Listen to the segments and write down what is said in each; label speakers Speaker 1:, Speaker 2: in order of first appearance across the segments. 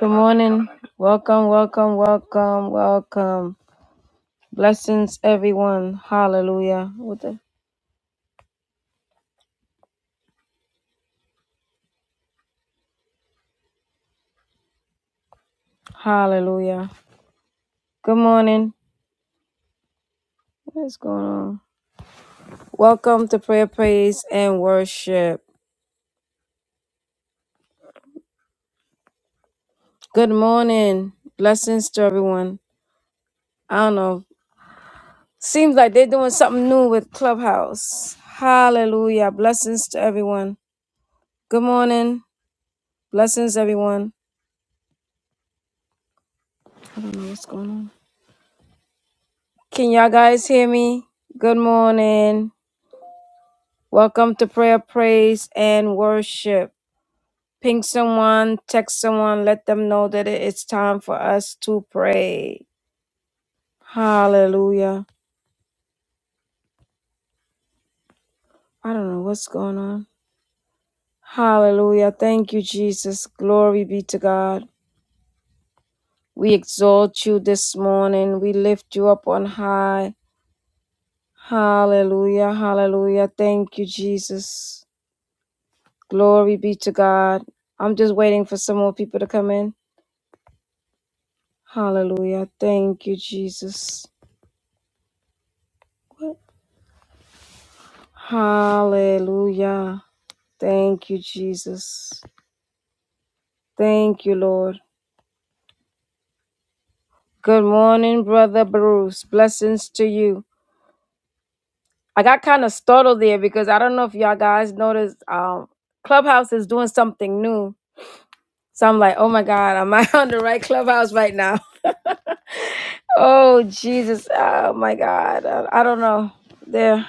Speaker 1: Good morning. Welcome, welcome, welcome, welcome. Blessings, everyone. Hallelujah. What the? Hallelujah. Good morning. What is going on? Welcome to prayer, praise, and worship. Good morning. Blessings to everyone. I don't know. Seems like they're doing something new with Clubhouse. Hallelujah. Blessings to everyone. Good morning. Blessings, everyone. I don't know what's going on. Can y'all guys hear me? Good morning. Welcome to prayer, praise, and worship. Ping someone, text someone, let them know that it- it's time for us to pray. Hallelujah. I don't know what's going on. Hallelujah. Thank you, Jesus. Glory be to God. We exalt you this morning. We lift you up on high. Hallelujah. Hallelujah. Thank you, Jesus. Glory be to God. I'm just waiting for some more people to come in. Hallelujah. Thank you, Jesus. Hallelujah. Thank you, Jesus. Thank you, Lord. Good morning, Brother Bruce. Blessings to you. I got kind of startled there because I don't know if y'all guys noticed um, Clubhouse is doing something new. So I'm like, oh my God, am I on the right Clubhouse right now? oh, Jesus. Oh my God. I, I don't know. There.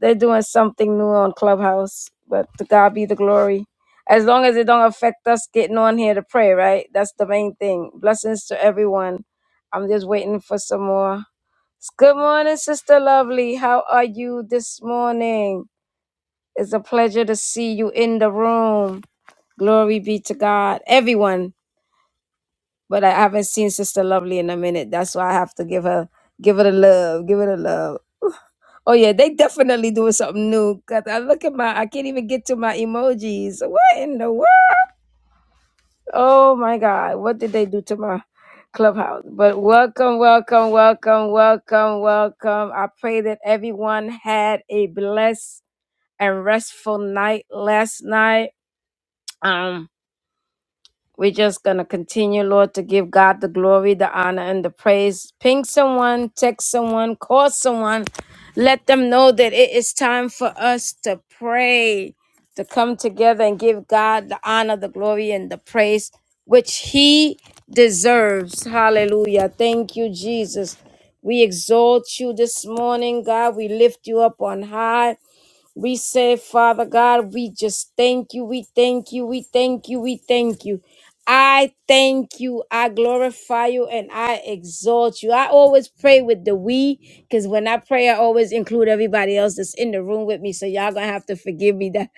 Speaker 1: They're doing something new on Clubhouse, but to God be the glory. As long as it don't affect us getting on here to pray, right? That's the main thing. Blessings to everyone. I'm just waiting for some more. Good morning, Sister Lovely. How are you this morning? It's a pleasure to see you in the room. Glory be to God. Everyone but I haven't seen Sister Lovely in a minute. That's why I have to give her give it a love, give it a love. Oh yeah, they definitely doing something new. Cause I look at my, I can't even get to my emojis. What in the world? Oh my God, what did they do to my clubhouse? But welcome, welcome, welcome, welcome, welcome. I pray that everyone had a blessed and restful night last night. Um, we're just going to continue, Lord, to give God the glory, the honor, and the praise. Ping someone, text someone, call someone. Let them know that it is time for us to pray, to come together and give God the honor, the glory, and the praise which He deserves. Hallelujah. Thank you, Jesus. We exalt you this morning, God. We lift you up on high. We say, Father God, we just thank you. We thank you. We thank you. We thank you. I thank you. I glorify you and I exalt you. I always pray with the we because when I pray, I always include everybody else that's in the room with me. So y'all gonna have to forgive me that.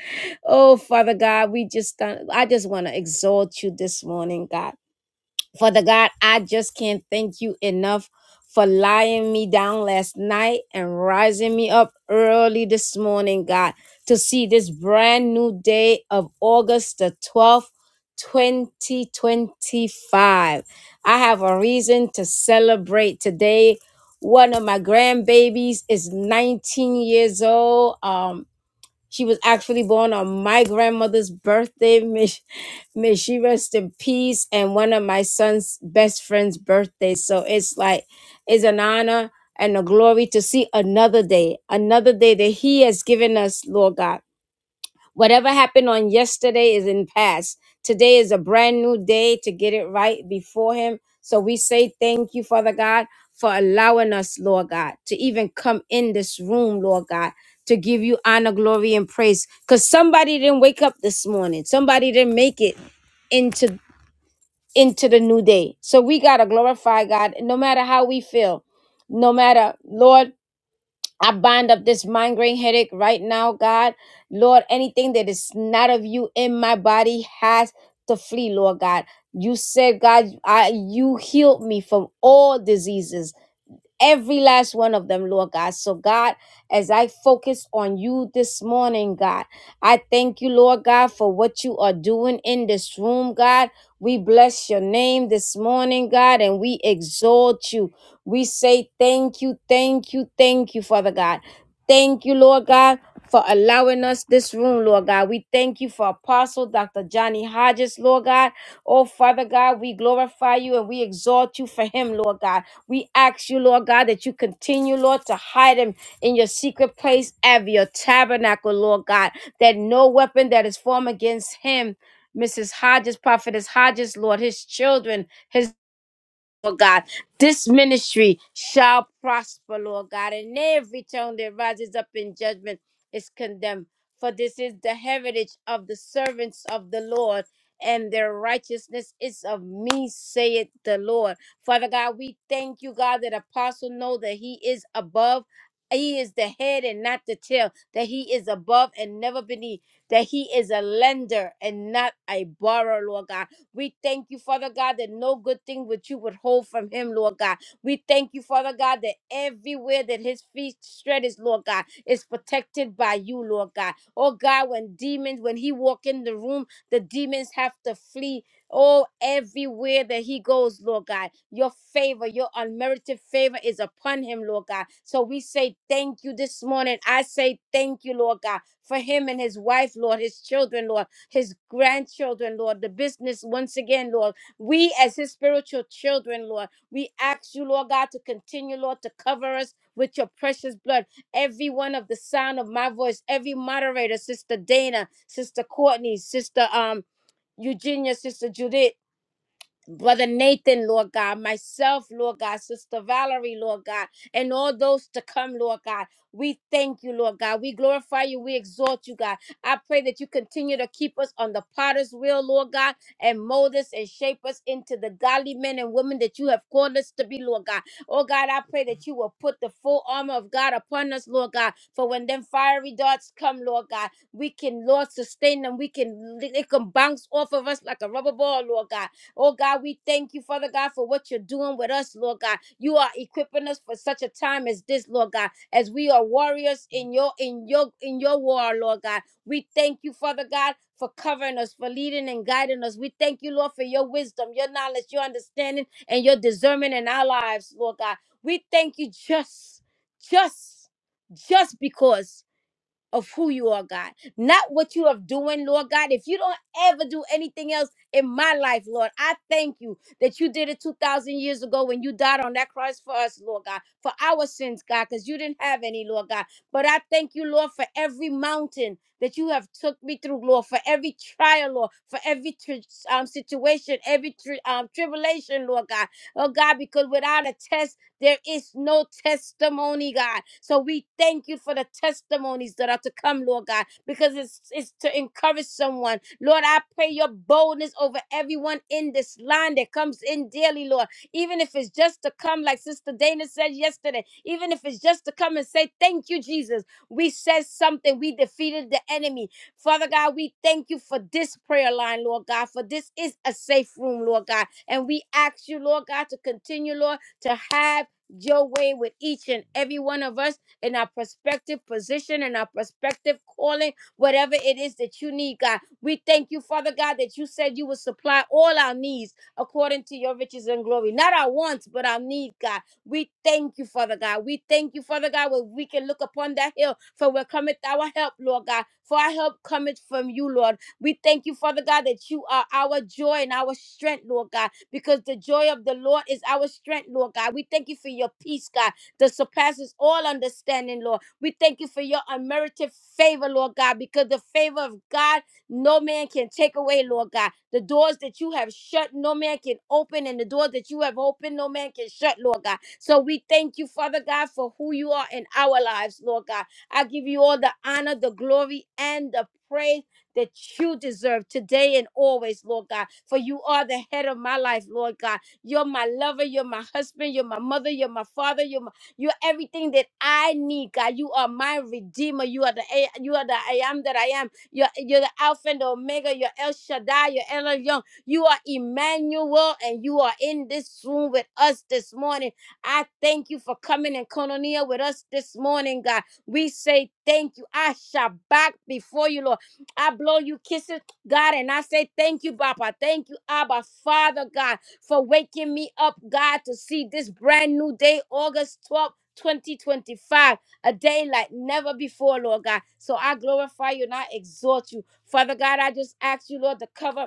Speaker 1: Oh, Father God, we just, I just want to exalt you this morning, God. Father God, I just can't thank you enough for lying me down last night and rising me up early this morning, God, to see this brand new day of August the 12th, 2025. I have a reason to celebrate today. One of my grandbabies is 19 years old. Um. She was actually born on my grandmother's birthday. May, sh- may she rest in peace. And one of my son's best friend's birthday. So it's like, it's an honor and a glory to see another day, another day that He has given us, Lord God. Whatever happened on yesterday is in past. Today is a brand new day to get it right before Him. So we say thank you, Father God, for allowing us, Lord God, to even come in this room, Lord God, to give you honor, glory, and praise. Because somebody didn't wake up this morning. Somebody didn't make it into into the new day. So we gotta glorify God no matter how we feel. No matter, Lord. I bind up this migraine headache right now, God. Lord, anything that is not of you in my body has to flee, Lord God. You said, God, I you healed me from all diseases every last one of them, Lord God. So, God, as I focus on you this morning, God, I thank you, Lord God, for what you are doing in this room, God. We bless your name this morning, God, and we exalt you. We say thank you, thank you, thank you, Father God. Thank you, Lord God, for allowing us this room, Lord God. We thank you for Apostle Dr. Johnny Hodges, Lord God. Oh, Father God, we glorify you and we exalt you for him, Lord God. We ask you, Lord God, that you continue, Lord, to hide him in your secret place of your tabernacle, Lord God, that no weapon that is formed against him. Mrs. Hodges, Prophetess Hodges, Lord, his children, his Lord God. This ministry shall prosper, Lord God, and every tongue that rises up in judgment is condemned. For this is the heritage of the servants of the Lord, and their righteousness is of me, saith the Lord. Father God, we thank you, God, that apostle know that he is above. He is the head and not the tail, that he is above and never beneath, that he is a lender and not a borrower, Lord God we thank you, Father God, that no good thing which you would hold from him, Lord God. We thank you, Father God, that everywhere that his feet tread is, Lord God, is protected by you, Lord God. Oh God, when demons, when he walk in the room, the demons have to flee. Oh, everywhere that he goes, Lord God, your favor, your unmerited favor is upon him, Lord God. So we say thank you this morning. I say thank you, Lord God, for him and his wife, Lord, his children, Lord his grandchildren, Lord, the business once again, Lord. We, as his spiritual children, Lord, we ask you, Lord God, to continue, Lord, to cover us with your precious blood. Every one of the sound of my voice, every moderator, Sister Dana, Sister Courtney, Sister um Eugenia, Sister Judith. Brother Nathan, Lord God, myself, Lord God, Sister Valerie, Lord God, and all those to come, Lord God. We thank you, Lord God. We glorify you. We exalt you, God. I pray that you continue to keep us on the potter's wheel, Lord God, and mold us and shape us into the godly men and women that you have called us to be, Lord God. Oh, God, I pray that you will put the full armor of God upon us, Lord God, for when them fiery darts come, Lord God, we can, Lord, sustain them. We can, it can bounce off of us like a rubber ball, Lord God. Oh God, we thank you, Father God, for what you're doing with us, Lord God. You are equipping us for such a time as this, Lord God, as we are warriors in your in your in your war, Lord God. We thank you, Father God, for covering us, for leading and guiding us. We thank you, Lord, for your wisdom, your knowledge, your understanding, and your discernment in our lives, Lord God. We thank you just, just, just because of who you are, God, not what you are doing, Lord God. If you don't ever do anything else in my life, Lord, I thank you that you did it 2,000 years ago when you died on that cross for us, Lord God, for our sins, God, because you didn't have any, Lord God. But I thank you, Lord, for every mountain that you have took me through, Lord, for every trial, Lord, for every tri- um, situation, every tri- um, tribulation, Lord God. Oh, God, because without a test, there is no testimony, God. So we thank you for the testimonies that are to come, Lord God, because it's, it's to encourage someone. Lord, I pray your boldness over everyone in this line that comes in daily, Lord. Even if it's just to come, like Sister Dana said yesterday, even if it's just to come and say, Thank you, Jesus. We said something. We defeated the enemy. Father God, we thank you for this prayer line, Lord God, for this is a safe room, Lord God. And we ask you, Lord God, to continue, Lord, to have your way with each and every one of us in our prospective position and our prospective calling, whatever it is that you need, God. We thank you, Father God, that you said you will supply all our needs according to your riches and glory. Not our wants, but our need, God. We thank you, Father God. We thank you, Father God, where we can look upon that hill, for where cometh our help, Lord God. For our help cometh from you, Lord. We thank you, Father God, that you are our joy and our strength, Lord God because the joy of the Lord is our strength, Lord God. We thank you for your peace, God, that surpasses all understanding, Lord. We thank you for your unmerited favor, Lord God, because the favor of God no man can take away, Lord God. The doors that you have shut, no man can open, and the doors that you have opened, no man can shut, Lord God. So we thank you, Father God, for who you are in our lives, Lord God. I give you all the honor, the glory, and the praise that you deserve today and always, Lord God. For you are the head of my life, Lord God. You're my lover, you're my husband, you're my mother, you're my father, you're my, you're everything that I need, God. You are my redeemer. You are the A- you are the I am that I am. You're, you're the Alpha and the Omega, you're El Shaddai, you're El Elyon. You are Emmanuel, and you are in this room with us this morning. I thank you for coming and koinonia with us this morning, God. We say thank you. I shall back before you, Lord. I blow you kisses, God, and I say thank you, Papa. Thank you, Abba, Father God, for waking me up, God, to see this brand new day, August 12th. 2025, a day like never before, Lord God. So I glorify you and I exhort you. Father God, I just ask you, Lord, to cover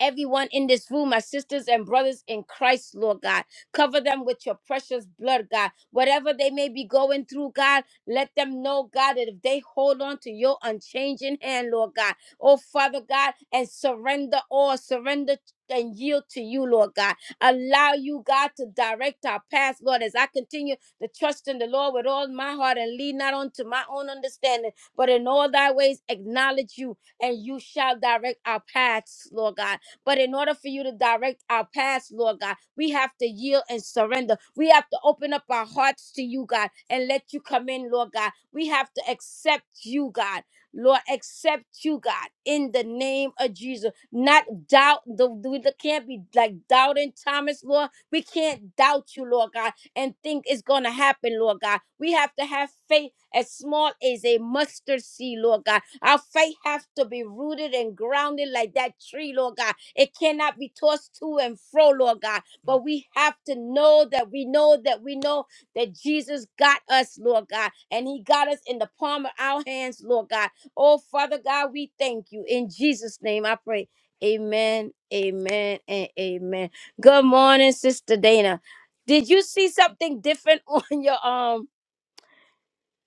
Speaker 1: everyone in this room, my sisters and brothers in Christ, Lord God. Cover them with your precious blood, God. Whatever they may be going through, God, let them know, God, that if they hold on to your unchanging hand, Lord God, oh Father God, and surrender all, surrender. And yield to you, Lord God. Allow you, God, to direct our paths, Lord, as I continue to trust in the Lord with all my heart and lean not onto my own understanding, but in all thy ways acknowledge you, and you shall direct our paths, Lord God. But in order for you to direct our paths, Lord God, we have to yield and surrender. We have to open up our hearts to you, God, and let you come in, Lord God. We have to accept you, God. Lord, accept you, God, in the name of Jesus. Not doubt, the, we can't be like doubting Thomas, Lord. We can't doubt you, Lord God and think it's going to happen, Lord God. We have to have faith as small as a mustard seed, Lord God. Our faith has to be rooted and grounded like that tree, Lord God it cannot be tossed to and fro, Lord God. But we have to know that we know that we know that Jesus got us, Lord God. And he got us in the palm of our hands, Lord God. Oh, Father God, we thank you. In Jesus' name, I pray. Amen, amen, and amen. Good morning, Sister Dana. Did you see something different on your um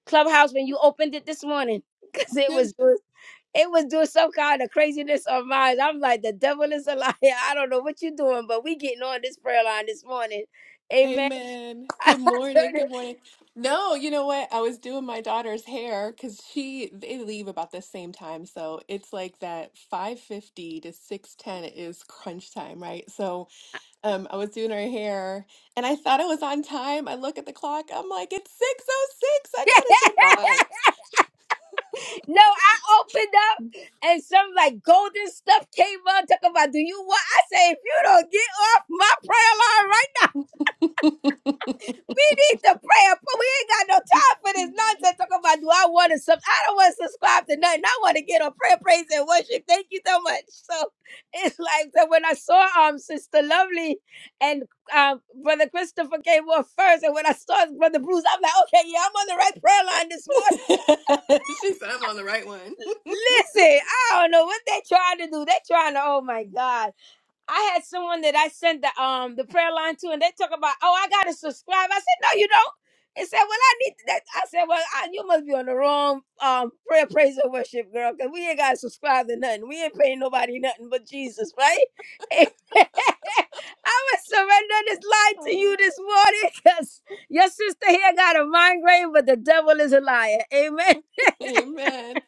Speaker 1: clubhouse when you opened it this morning? Because it
Speaker 2: Good,
Speaker 1: was good. It was doing some kind of craziness on mine. I'm like, the devil is a liar. I don't know what you're doing, but we getting on this prayer line this morning. Amen.
Speaker 2: amen.
Speaker 1: I
Speaker 2: Good morning.
Speaker 1: turned
Speaker 2: Good
Speaker 1: it-
Speaker 2: morning. No, you know what? I was doing my daughter's hair because she they leave about the same time, so it's like that five fifty to six ten is crunch time, right? So, um, I was doing her hair, and I thought I was on time. I look at the clock. I'm like, it's six oh six.
Speaker 1: no, I opened up and some like golden stuff came up. Talk about, do you want? I say, if you don't get off my prayer line right
Speaker 2: I gotta jump
Speaker 1: We need to pray. but We ain't got no time for this nonsense. Talking about do I want to sub? I don't want to subscribe to nothing. I want to get on prayer, praise, and worship. Thank you so much. So it's like that when I saw um Sister Lovely and um Brother Christopher came on first, and when I saw Brother Bruce, I'm like, okay, yeah, I'm on the right prayer line this
Speaker 2: on.
Speaker 1: morning.
Speaker 2: she said, I'm on the right one.
Speaker 1: Listen, I don't know what they trying to do. They trying to, oh my God. I had someone that I sent the um the prayer line to, and they talk about, oh, I gotta subscribe. I said, no, you don't. They said, well, I need to- that. I said, well, I, you must be on the wrong um prayer, praise, and worship, girl, because we ain't gotta subscribe to nothing. We ain't paying nobody nothing but Jesus, right? I was surrendering this lie to you
Speaker 2: Oh.
Speaker 1: this morning because your sister here got a migraine, but the devil is a liar. Amen.
Speaker 2: Amen.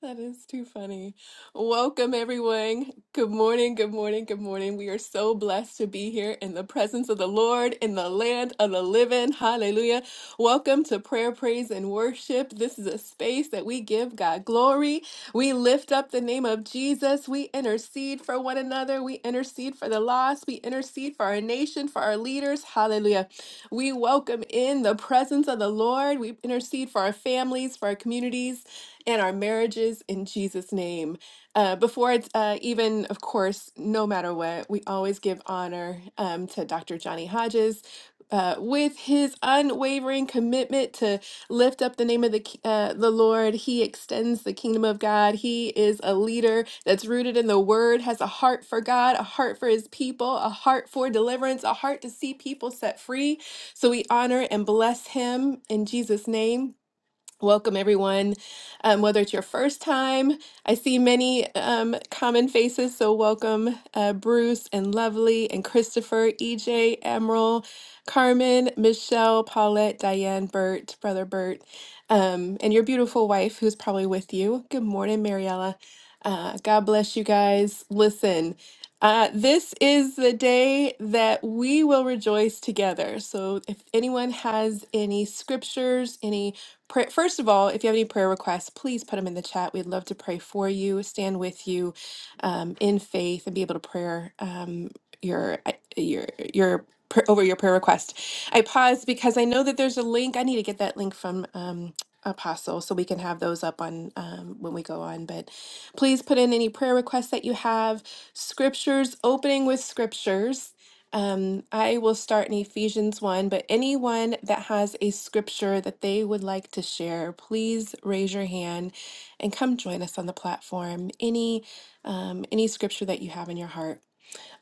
Speaker 2: That is too funny. Welcome, everyone. Good morning, good morning, good morning. We are so blessed to be here in the presence of the Lord in the land of the living. Hallelujah. Welcome to prayer, praise, and worship. This is a space that we give God glory. We lift up the name of Jesus. We intercede for one another. We intercede for the lost. We intercede for our nation, for our leaders. Hallelujah. We welcome in the presence of the Lord. We intercede for our families, for our communities and our marriages in Jesus' name. Uh, before it's uh, even, of course, no matter what, we always give honor um, to Dr. Johnny Hodges. Uh, with his unwavering commitment to lift up the name of the ki- uh, the Lord, he extends the kingdom of God. He is a leader that's rooted in the Word, has a heart for God, a heart for His people, a heart for deliverance, a heart to see people set free. So we honor and bless him in Jesus' name. Welcome, everyone. Um, whether it's your first time, I see many um, common faces. So, welcome, uh, Bruce and Lovely and Christopher, EJ, Emerald, Carmen, Michelle, Paulette, Diane, Bert, Brother Bert, um, and your beautiful wife who's probably with you. Good morning, Mariella. Uh, God bless you guys. Listen, uh, this is the day that we will rejoice together. So, if anyone has any scriptures, any Pray, first of all, if you have any prayer requests, please put them in the chat. We'd love to pray for you, stand with you um, in faith, and be able to prayer um, your your your pr- over your prayer request. I pause because I know that there's a link. I need to get that link from um, Apostle so we can have those up on um, when we go on. But please put in any prayer requests that you have. Scriptures, opening with scriptures. Um, I will start in Ephesians 1, but anyone that has a scripture that they would like to share, please raise your hand and come join us on the platform. Any um, any scripture that you have in your heart.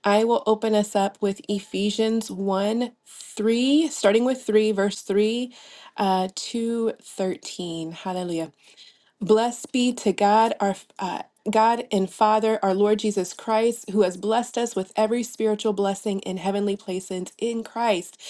Speaker 2: I will open us up with Ephesians 1, 3, starting with 3, verse 3 uh, to 13. Hallelujah. Blessed be to God, our uh, God and Father, our Lord Jesus Christ, who has blessed us with every spiritual blessing in heavenly places in Christ,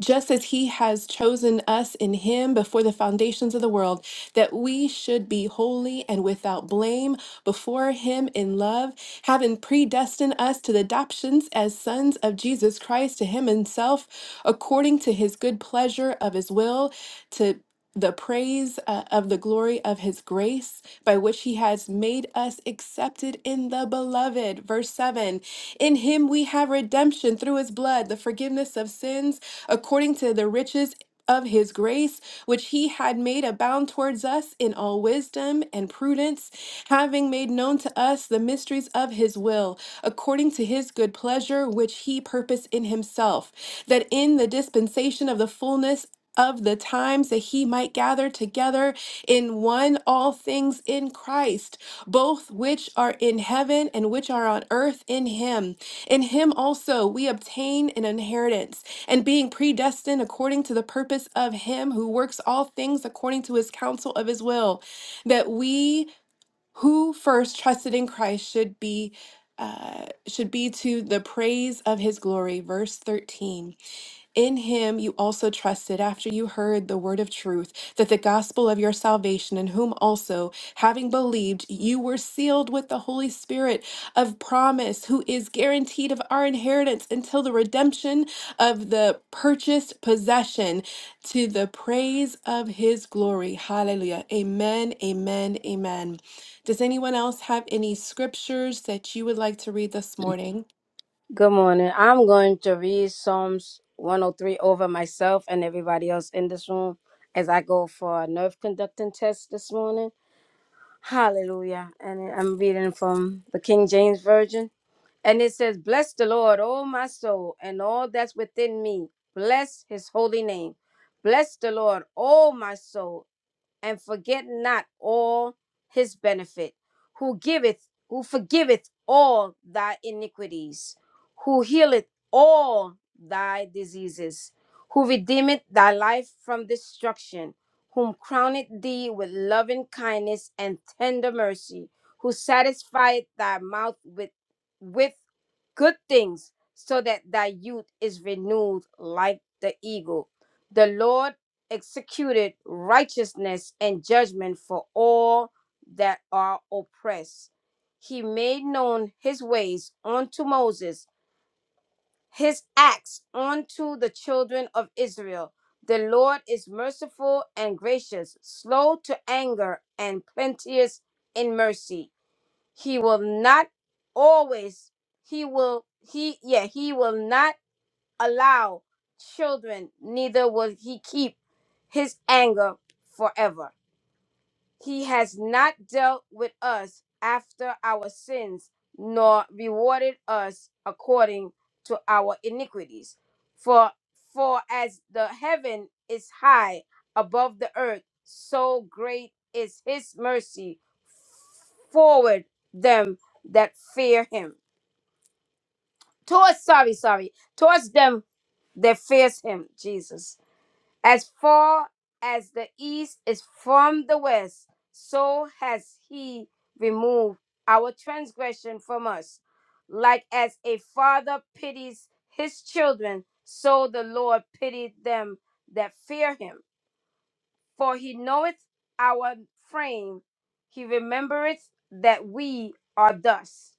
Speaker 2: just as He has chosen us in Him before the foundations of the world, that we should be holy and without blame before Him in love, having predestined us to the adoptions as sons of Jesus Christ to Him Himself, according to His good pleasure of His will, to the praise uh, of the glory of his grace by which he has made us accepted in the beloved. Verse 7 In him we have redemption through his blood, the forgiveness of sins, according to the riches. Of his grace, which he had made abound towards us in all wisdom and prudence, having made known to us the mysteries of his will, according to his good pleasure, which he purposed in himself, that in the dispensation of the fullness of the times that he might gather together in one all things in Christ, both which are in heaven and which are on earth in him. In him also we obtain an inheritance, and being predestined according to the purpose of him who works all things according to his counsel of his will, that we who first trusted in Christ should be uh, should be to the praise of his glory. Verse 13. In him you also trusted after you heard the word of truth, that the gospel of your salvation, in whom also, having believed, you were sealed with the Holy Spirit of promise, who is guaranteed of our inheritance until the redemption of the purchased possession to the praise of his glory. Hallelujah. Amen, amen, amen. Does anyone else have any scriptures that you would like to read this morning?
Speaker 1: Good morning. I'm going to read Psalms 103 over myself and everybody else in this room as I go for a nerve conducting test this morning. Hallelujah. And I'm reading from the King James Version. And it says, Bless the Lord, O my soul, and all that's within me. Bless his holy name. Bless the Lord, O my soul, and forget not all his benefit, who giveth, who forgiveth all thy iniquities, who healeth all thy diseases, who redeemeth thy life from destruction, whom crowneth thee with loving kindness and tender mercy, who satisfieth thy mouth with with good things, so that thy youth is renewed like the eagle. The Lord executed righteousness and judgment for all that are oppressed. He made known his ways unto Moses, his acts unto the children of Israel. The Lord is merciful and gracious, slow to anger, and plenteous in mercy. He will not always, he will, he, yeah, he will not allow children, neither will he keep his anger forever. He has not dealt with us after our sins, nor rewarded us according to our iniquities. For for as the heaven is high above the earth, so great is his mercy forward them that fear him. Towards sorry, sorry, towards them that fears him, Jesus. As far as the east is from the west, so has he removed our transgression from us. Like as a father pities his children, so the Lord pitied them that fear him. For he knoweth our frame, he remembereth that we are dust.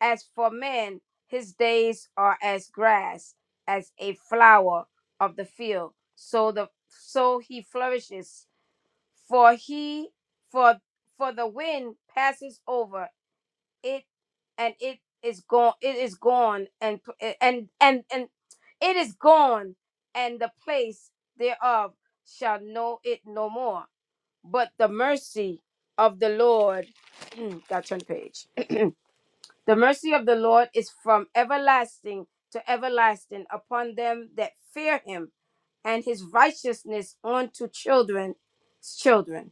Speaker 1: As for man, his days are as grass, as a flower of the field. So the so he flourishes, for he for for the wind passes over it, and it is gone. It is gone, and and and and it is gone, and the place thereof shall know it no more. But the mercy of the Lord. Got to turn the page the mercy of the Lord is from everlasting to everlasting upon them that fear him, and his righteousness unto children's children,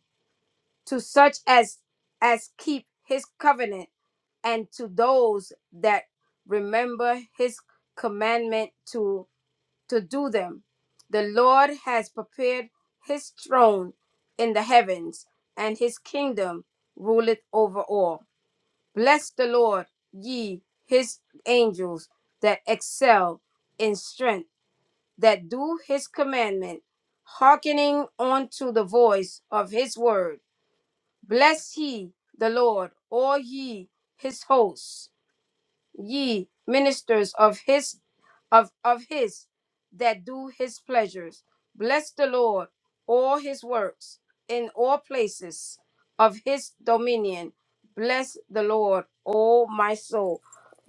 Speaker 1: to such as as keep his covenant, and to those that remember his commandment to to do them. The Lord has prepared his throne in the heavens, and his kingdom ruleth over all. Bless the Lord, ye his angels that excel in strength, that do his commandment, hearkening unto the voice of his word. Bless ye the Lord, all ye his hosts ye ministers of his of of his that do his pleasures bless the lord all his works in all places of his dominion bless the lord o my soul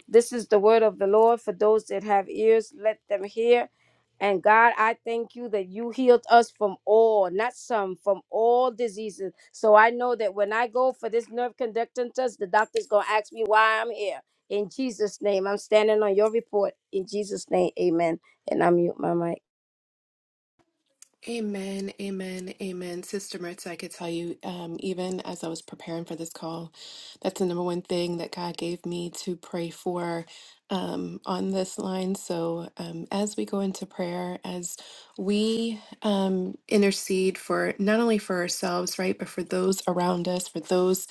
Speaker 1: this is the word of the Lord for those that have ears, let them hear. And God, I thank you that you healed us from all, not some, from all diseases. So I know that when I go for this nerve conductance test, the doctor's going to ask me why I'm here. In Jesus' name, I'm standing on your report. In Jesus' name, amen. And I mute my mic.
Speaker 2: Amen, amen, amen. Sister Mertz, I could tell you, um, even as I was preparing for this call, that's the number one thing that God gave me to pray for um, on this line. So um, as we go into prayer, as we um, intercede for not only for ourselves, right, but for those around us, for those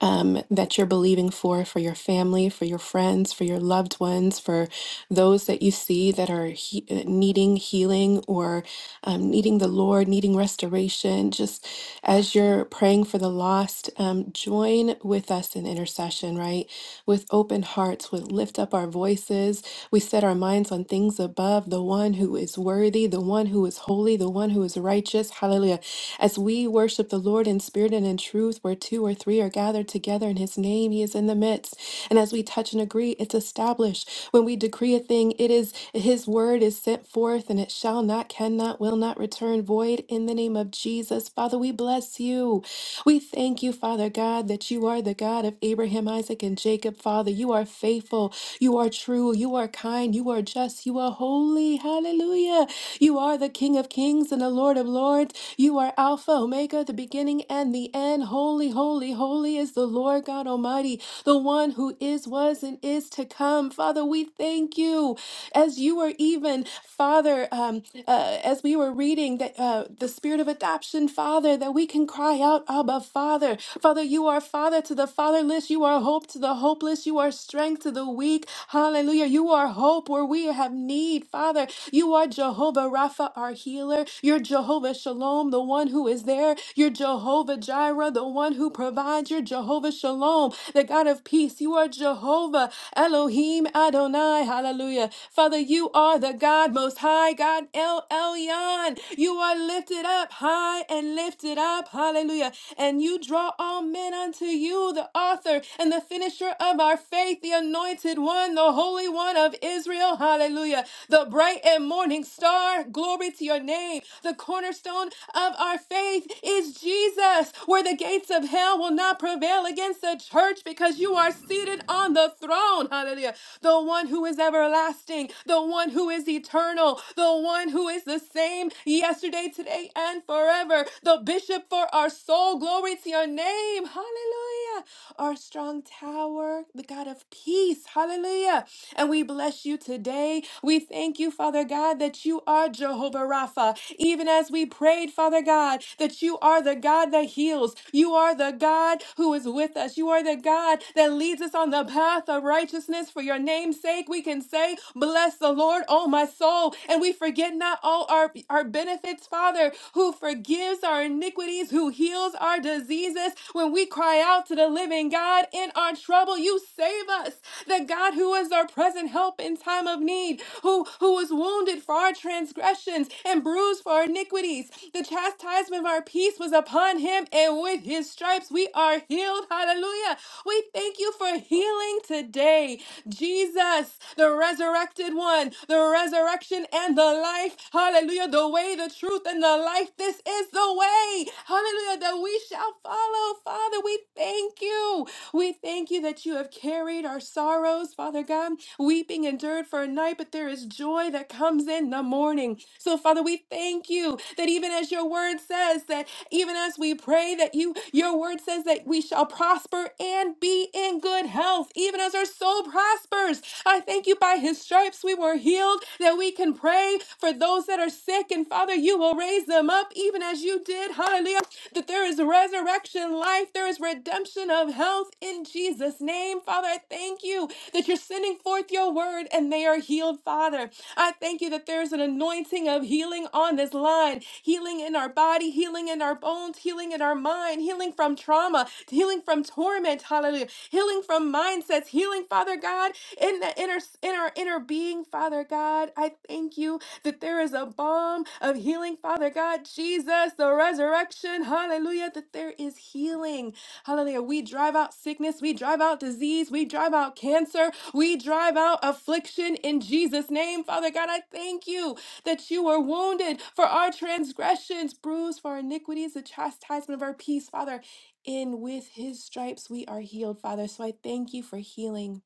Speaker 2: um, that you're believing for, for your family, for your friends, for your loved ones, for those that you see that are he- uh, needing healing or um, needing the Lord, needing restoration, just as you're praying for the lost, um, join with us in intercession, right? With open hearts, we lift up our voices. We set our minds on things above, the one who is worthy, the one who is holy, the one who is righteous. Hallelujah. As we worship the Lord in spirit and in truth, where two or three are gathered together in his name, he is in the midst. And as we touch and agree, it's established. When we decree a thing, it is his word is sent forth and it shall not, cannot, will not return void in the name of Jesus. Father, we bless you. We thank you, Father God, that you are the God of Abraham, Isaac, and Jacob. Father, you are faithful, you are true, you are kind, you are just, you are holy. Hallelujah. You are are the King of Kings and the Lord of Lords. You are Alpha, Omega, the beginning and the end. Holy, holy, holy is the Lord God Almighty, the one who is, was, and is to come. Father, we thank you as you are even, Father, um, uh, as we were reading that uh, the spirit of adoption, Father, that we can cry out, Abba, Father. Father, you are Father to the fatherless. You are hope to the hopeless. You are strength to the weak. Hallelujah. You are hope where we prayer, have need, Father. You are Jehovah Rapha, our healer. You're Jehovah Shalom, the one who is there. You're Jehovah Jireh, the one who provides. You're Jehovah Shalom, the God of peace. You are Jehovah Elohim Adonai. Hallelujah. Father, you are the God most high, God El Elyon. You are lifted up high and lifted up. Hallelujah. And you draw all men unto you, the author and the finisher of our faith, the Anointed anointed one, the Holy One of Israel. Hallelujah. The bright and morning star. Glory to your name. The cornerstone of our faith is Jesus, where the gates of hell will not prevail against the church because you are seated on the throne. Hallelujah. The one who is everlasting, the one who is eternal, the one who is the same yesterday, today, and forever. The bishop for our soul. Glory to your name. Hallelujah our strong tower, the God of peace. Hallelujah. And we bless you today. We thank you, Father God, that you are Jehovah Rapha. Even as we prayed, Father God, that you are the God that heals. You are the God who is with us. You are the God that leads us on the path of righteousness. For your name's sake, we can say, Bless the Lord, oh my soul. And we forget not all our, our benefits, Father, who forgives our iniquities, who heals our diseases. When we cry out to the the living God. In our trouble, you save us. The God who is our present help in time of need, who, who was wounded for our transgressions and bruised for our iniquities. The chastisement of our peace was upon him, and with his stripes we are healed. Hallelujah. We thank you for healing today. Jesus, the resurrected one, the resurrection and the life. Hallelujah. The way, the truth, and the life. This is the way. Hallelujah. That we shall follow. Father, we thank thank you. We thank you that you have carried our sorrows, Father God. Weeping endured for a night, but there is joy that comes in the morning. So, Father, we thank you that even as your word says that even as we pray that you your word says that we shall prosper and be in good health even as our soul prospers i thank you by his stripes we were healed that we can pray for those that are sick and father you will raise them up even as you did hallelujah that there is resurrection life there is redemption redemption of health in Jesus' name. Father, I thank you that you're sending forth your word and they are healed, Father. I thank you that there's an anointing of healing on this line healing in our body, healing in our bones, healing in our mind, healing from trauma, healing from torment, hallelujah, healing from mindsets, healing, Father God, in the inner in our inner being, Father God. I thank you that there is a balm of healing, Father God, Jesus, the resurrection, hallelujah, that there is healing Hallelujah. We drive out sickness. We drive out disease. We drive out cancer. We drive out affliction in Jesus' name. Father God, I thank you that you were wounded for our transgressions, bruised for our iniquities, the chastisement of our peace, Father. In with his stripes we are healed, Father. So I thank you for healing.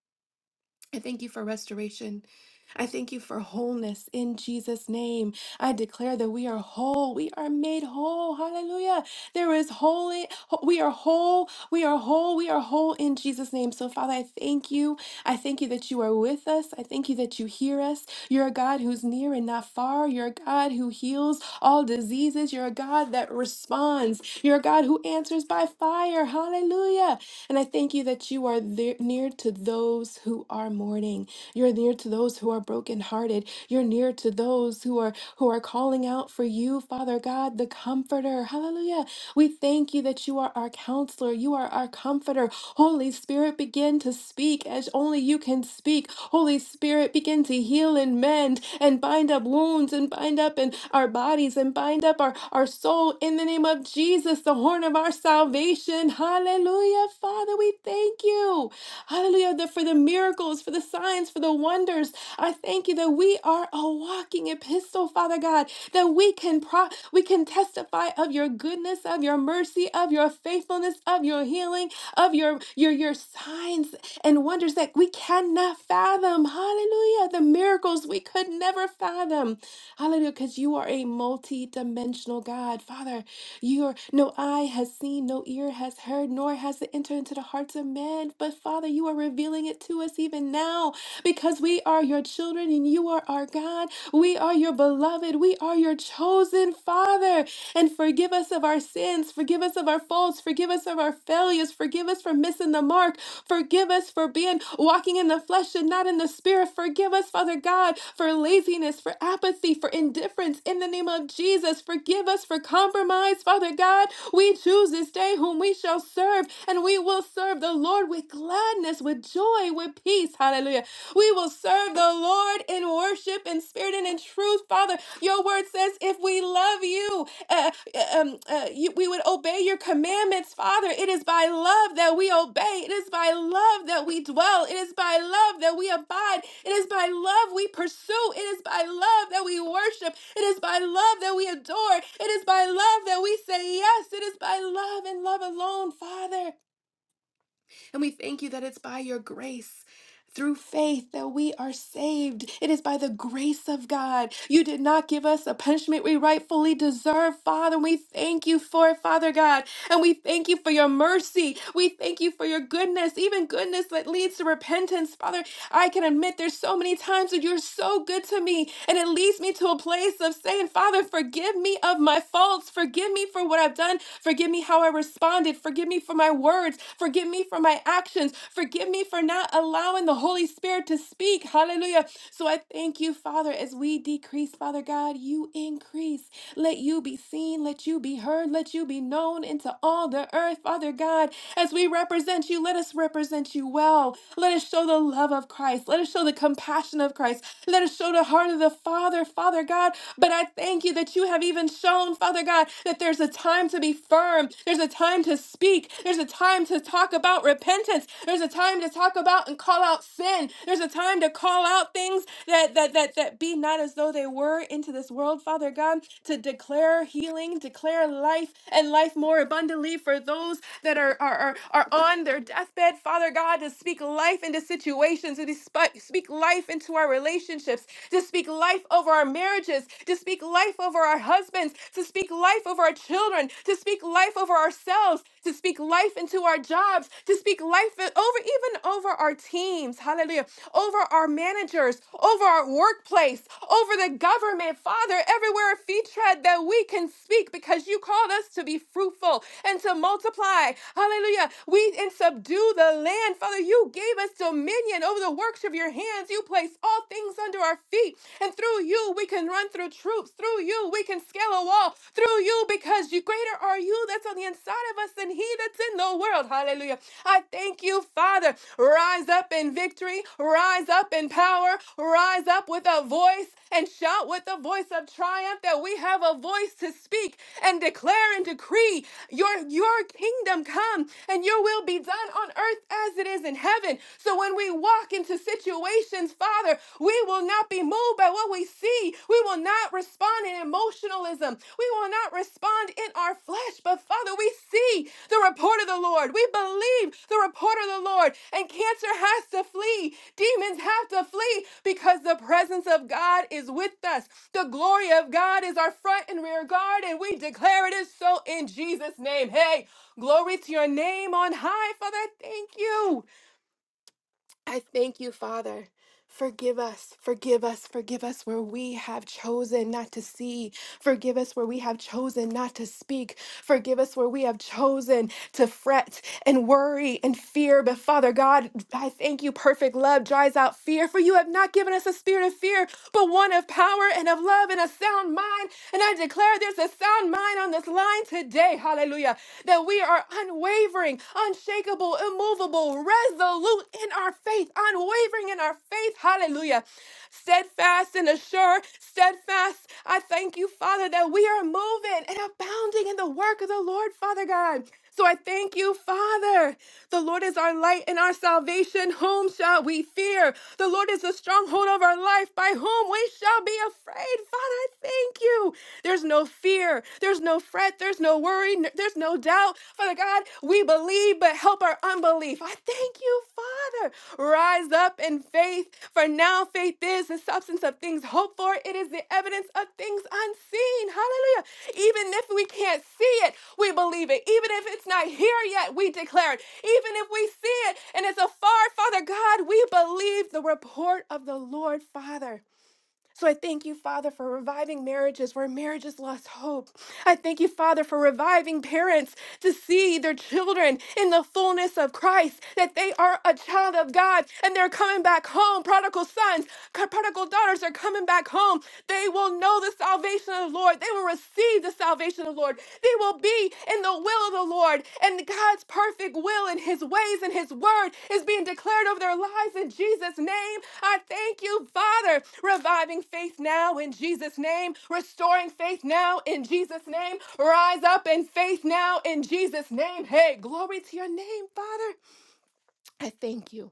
Speaker 2: I thank you for restoration. I thank you for wholeness in Jesus' name. I declare that we are whole. We are made whole. Hallelujah. There is holy. We are whole. We are whole. We are whole in Jesus' name. So, Father, I thank you. I thank you that you are with us. I thank you that you hear us. You're a God who's near and not far. You're a God who heals all diseases. You're a God that responds. You're a God who answers by fire. Hallelujah. And I thank you that you are there, near to those who are mourning. You're near to those who are brokenhearted. You're near to those who are who are calling out for you, Father God, the comforter. Hallelujah. We thank you that you are our counselor. You are our comforter. Holy Holy Spirit, begin to speak as only you can speak. Holy Spirit, begin to heal and mend and bind up wounds and bind up in our bodies and bind up our, our soul in the name of Jesus, the horn of our salvation. Hallelujah. Father, we thank you. Hallelujah. that For the miracles, for the signs, for the wonders. I thank you that we are a walking epistle, Father God, that we can pro- we can testify of your goodness, of your mercy, of your faithfulness, of your healing of your your your signs and wonders that we cannot fathom. Hallelujah. The miracles we could never fathom. Hallelujah. Because you are a multi-dimensional God. Father, your no eye has seen, no ear has heard, nor has it entered into the hearts of men. But Father, you are revealing it to us even now because we are your children and you are our God. We are your beloved. We are your chosen Father and forgive us of our sins, forgive us of our faults, forgive us of our failures, forgive us for missing the mark, forgive us for being walking in the flesh and not in the spirit. Forgive us, Father God, for laziness, for apathy, for indifference in the name of Jesus. Forgive us for compromise, Father God. We choose this day whom we shall serve, and we will serve the Lord with gladness, with joy, with peace. Hallelujah. We will serve the the Lord in worship, in spirit, and in truth, Father. Your word says if we love you, uh, uh, um, uh, you, we would obey your commandments, Father. It is by love that we obey. It is by love that we dwell. It is by love that we abide. It is by love we pursue. It is by love that we worship. It is by love that we adore. It is by love that we say yes. It is by love and love alone, Father. And we thank you that it's by your grace. Through faith, that we are saved. It is by the grace of God. You did not give us a punishment we rightfully deserve, Father. We thank you for it, Father God. And we thank you for your mercy. We thank you for your goodness, even goodness that leads to repentance, Father. I can admit there's so many times that you're so good to me, and it leads me to a place of saying, Father, forgive me of my faults. Forgive me for what I've done. Forgive me how I responded. Forgive me for my words. Forgive me for my actions. Forgive me for not allowing the Holy Spirit to speak. Hallelujah. So I thank you, Father, as we decrease, Father God, you increase. Let you be seen, let you be heard, let you be known into all the earth, Father God. As we represent you, let us represent you well. Let us show the love love of Christ. Let us show the compassion of Christ. Let us show the heart of the Father, Father God. But I thank you that you have even shown, Father God, that there's a time to be firm. There's a time to speak. There's a time to talk about repentance. There's a time to talk about and call out sin. There's a time to call out things that that that that be not as though they were into this world, Father God, to declare healing, declare life and life more abundantly for those that are are are, are on their deathbed, Father God, to speak life into situations, to spi- speak life into our relationships, to speak life over our marriages, to speak life over our husbands, to speak life over our children, to speak life over ourselves, to speak life into our jobs, to speak life o- over even over our teams. Hallelujah. Over our managers, over our workplace, over the government. Father, everywhere our feet tread that we can speak because you called us to be fruitful and to multiply. Hallelujah. We and subdue the land. Father, you gave give us dominion over the works of your hands. You place all things under our feet. And through you, we can run through troops. Through you, we can scale a wall. Through you, because you greater are you that's on the inside of us than he that's in the world. Hallelujah. I thank you, Father. Rise up in victory, rise up in power, rise up with a voice and shout with a voice of triumph that we have a voice to speak and declare and decree your your kingdom come and your will be done on earth as it is in heaven heaven. So when we walk into situations, Father, we will not be moved by what we see. We will not respond in emotionalism. We will not respond in our flesh. But Father, we see the report of the Lord. We believe the report of the Lord. And cancer has to flee. Demons have to flee because the presence of God is with us. The glory of God is our front and rear guard. And we declare it is so in Jesus' name. Hey, glory to your name on high, Father. Thank you. I thank you, Father. Forgive us, forgive us, forgive us where we have chosen not to see. Forgive us where we have chosen not to speak. Forgive us where we have chosen to fret and worry and fear. But Father God, I thank you. Perfect love dries out fear, for you have not given us a spirit of fear, but one of power and of love and a sound mind. And I declare there's a sound mind on this line today. Hallelujah. That we are unwavering, unshakable, immovable, resolute in our faith, unwavering in our faith. Hallelujah. Steadfast and assured, steadfast. I thank you, Father, that we are moving and abounding in the work of the Lord, Father God. So I thank you, Father. The Lord is our light and our salvation. Whom shall we fear? The Lord is the stronghold of our life. By whom we shall be afraid. Father, I thank you. There's no fear. There's no fret. There's no worry. n- There's no doubt. Father God, we believe, but help our unbelief. I thank you, Father. Rise up in faith, for now faith is the substance of things hoped for. It is the evidence of things unseen. Hallelujah. Even if we can't see it, we believe it. Even if it's not here yet, we declare it. Even if we see it and it's afar, Father God, we believe the report of the Lord, Father. So I thank you, Father, for reviving marriages where marriages lost hope. I thank you, Father, for reviving parents to see their children in the fullness of Christ, that they are a child of God and they're coming back home. Prodigal sons, co- prodigal daughters are coming back home. They will know the salvation of the Lord. They will receive the salvation of the Lord. Lord. They will be in the will of the Lord. And God's perfect will and his ways and his word is being declared over their lives in Jesus' name. I thank you, Father, reviving faith now in Jesus' name, restoring faith now in Jesus' name. Rise up in faith now in Jesus' name. Hey, glory to your name, Father. I thank you.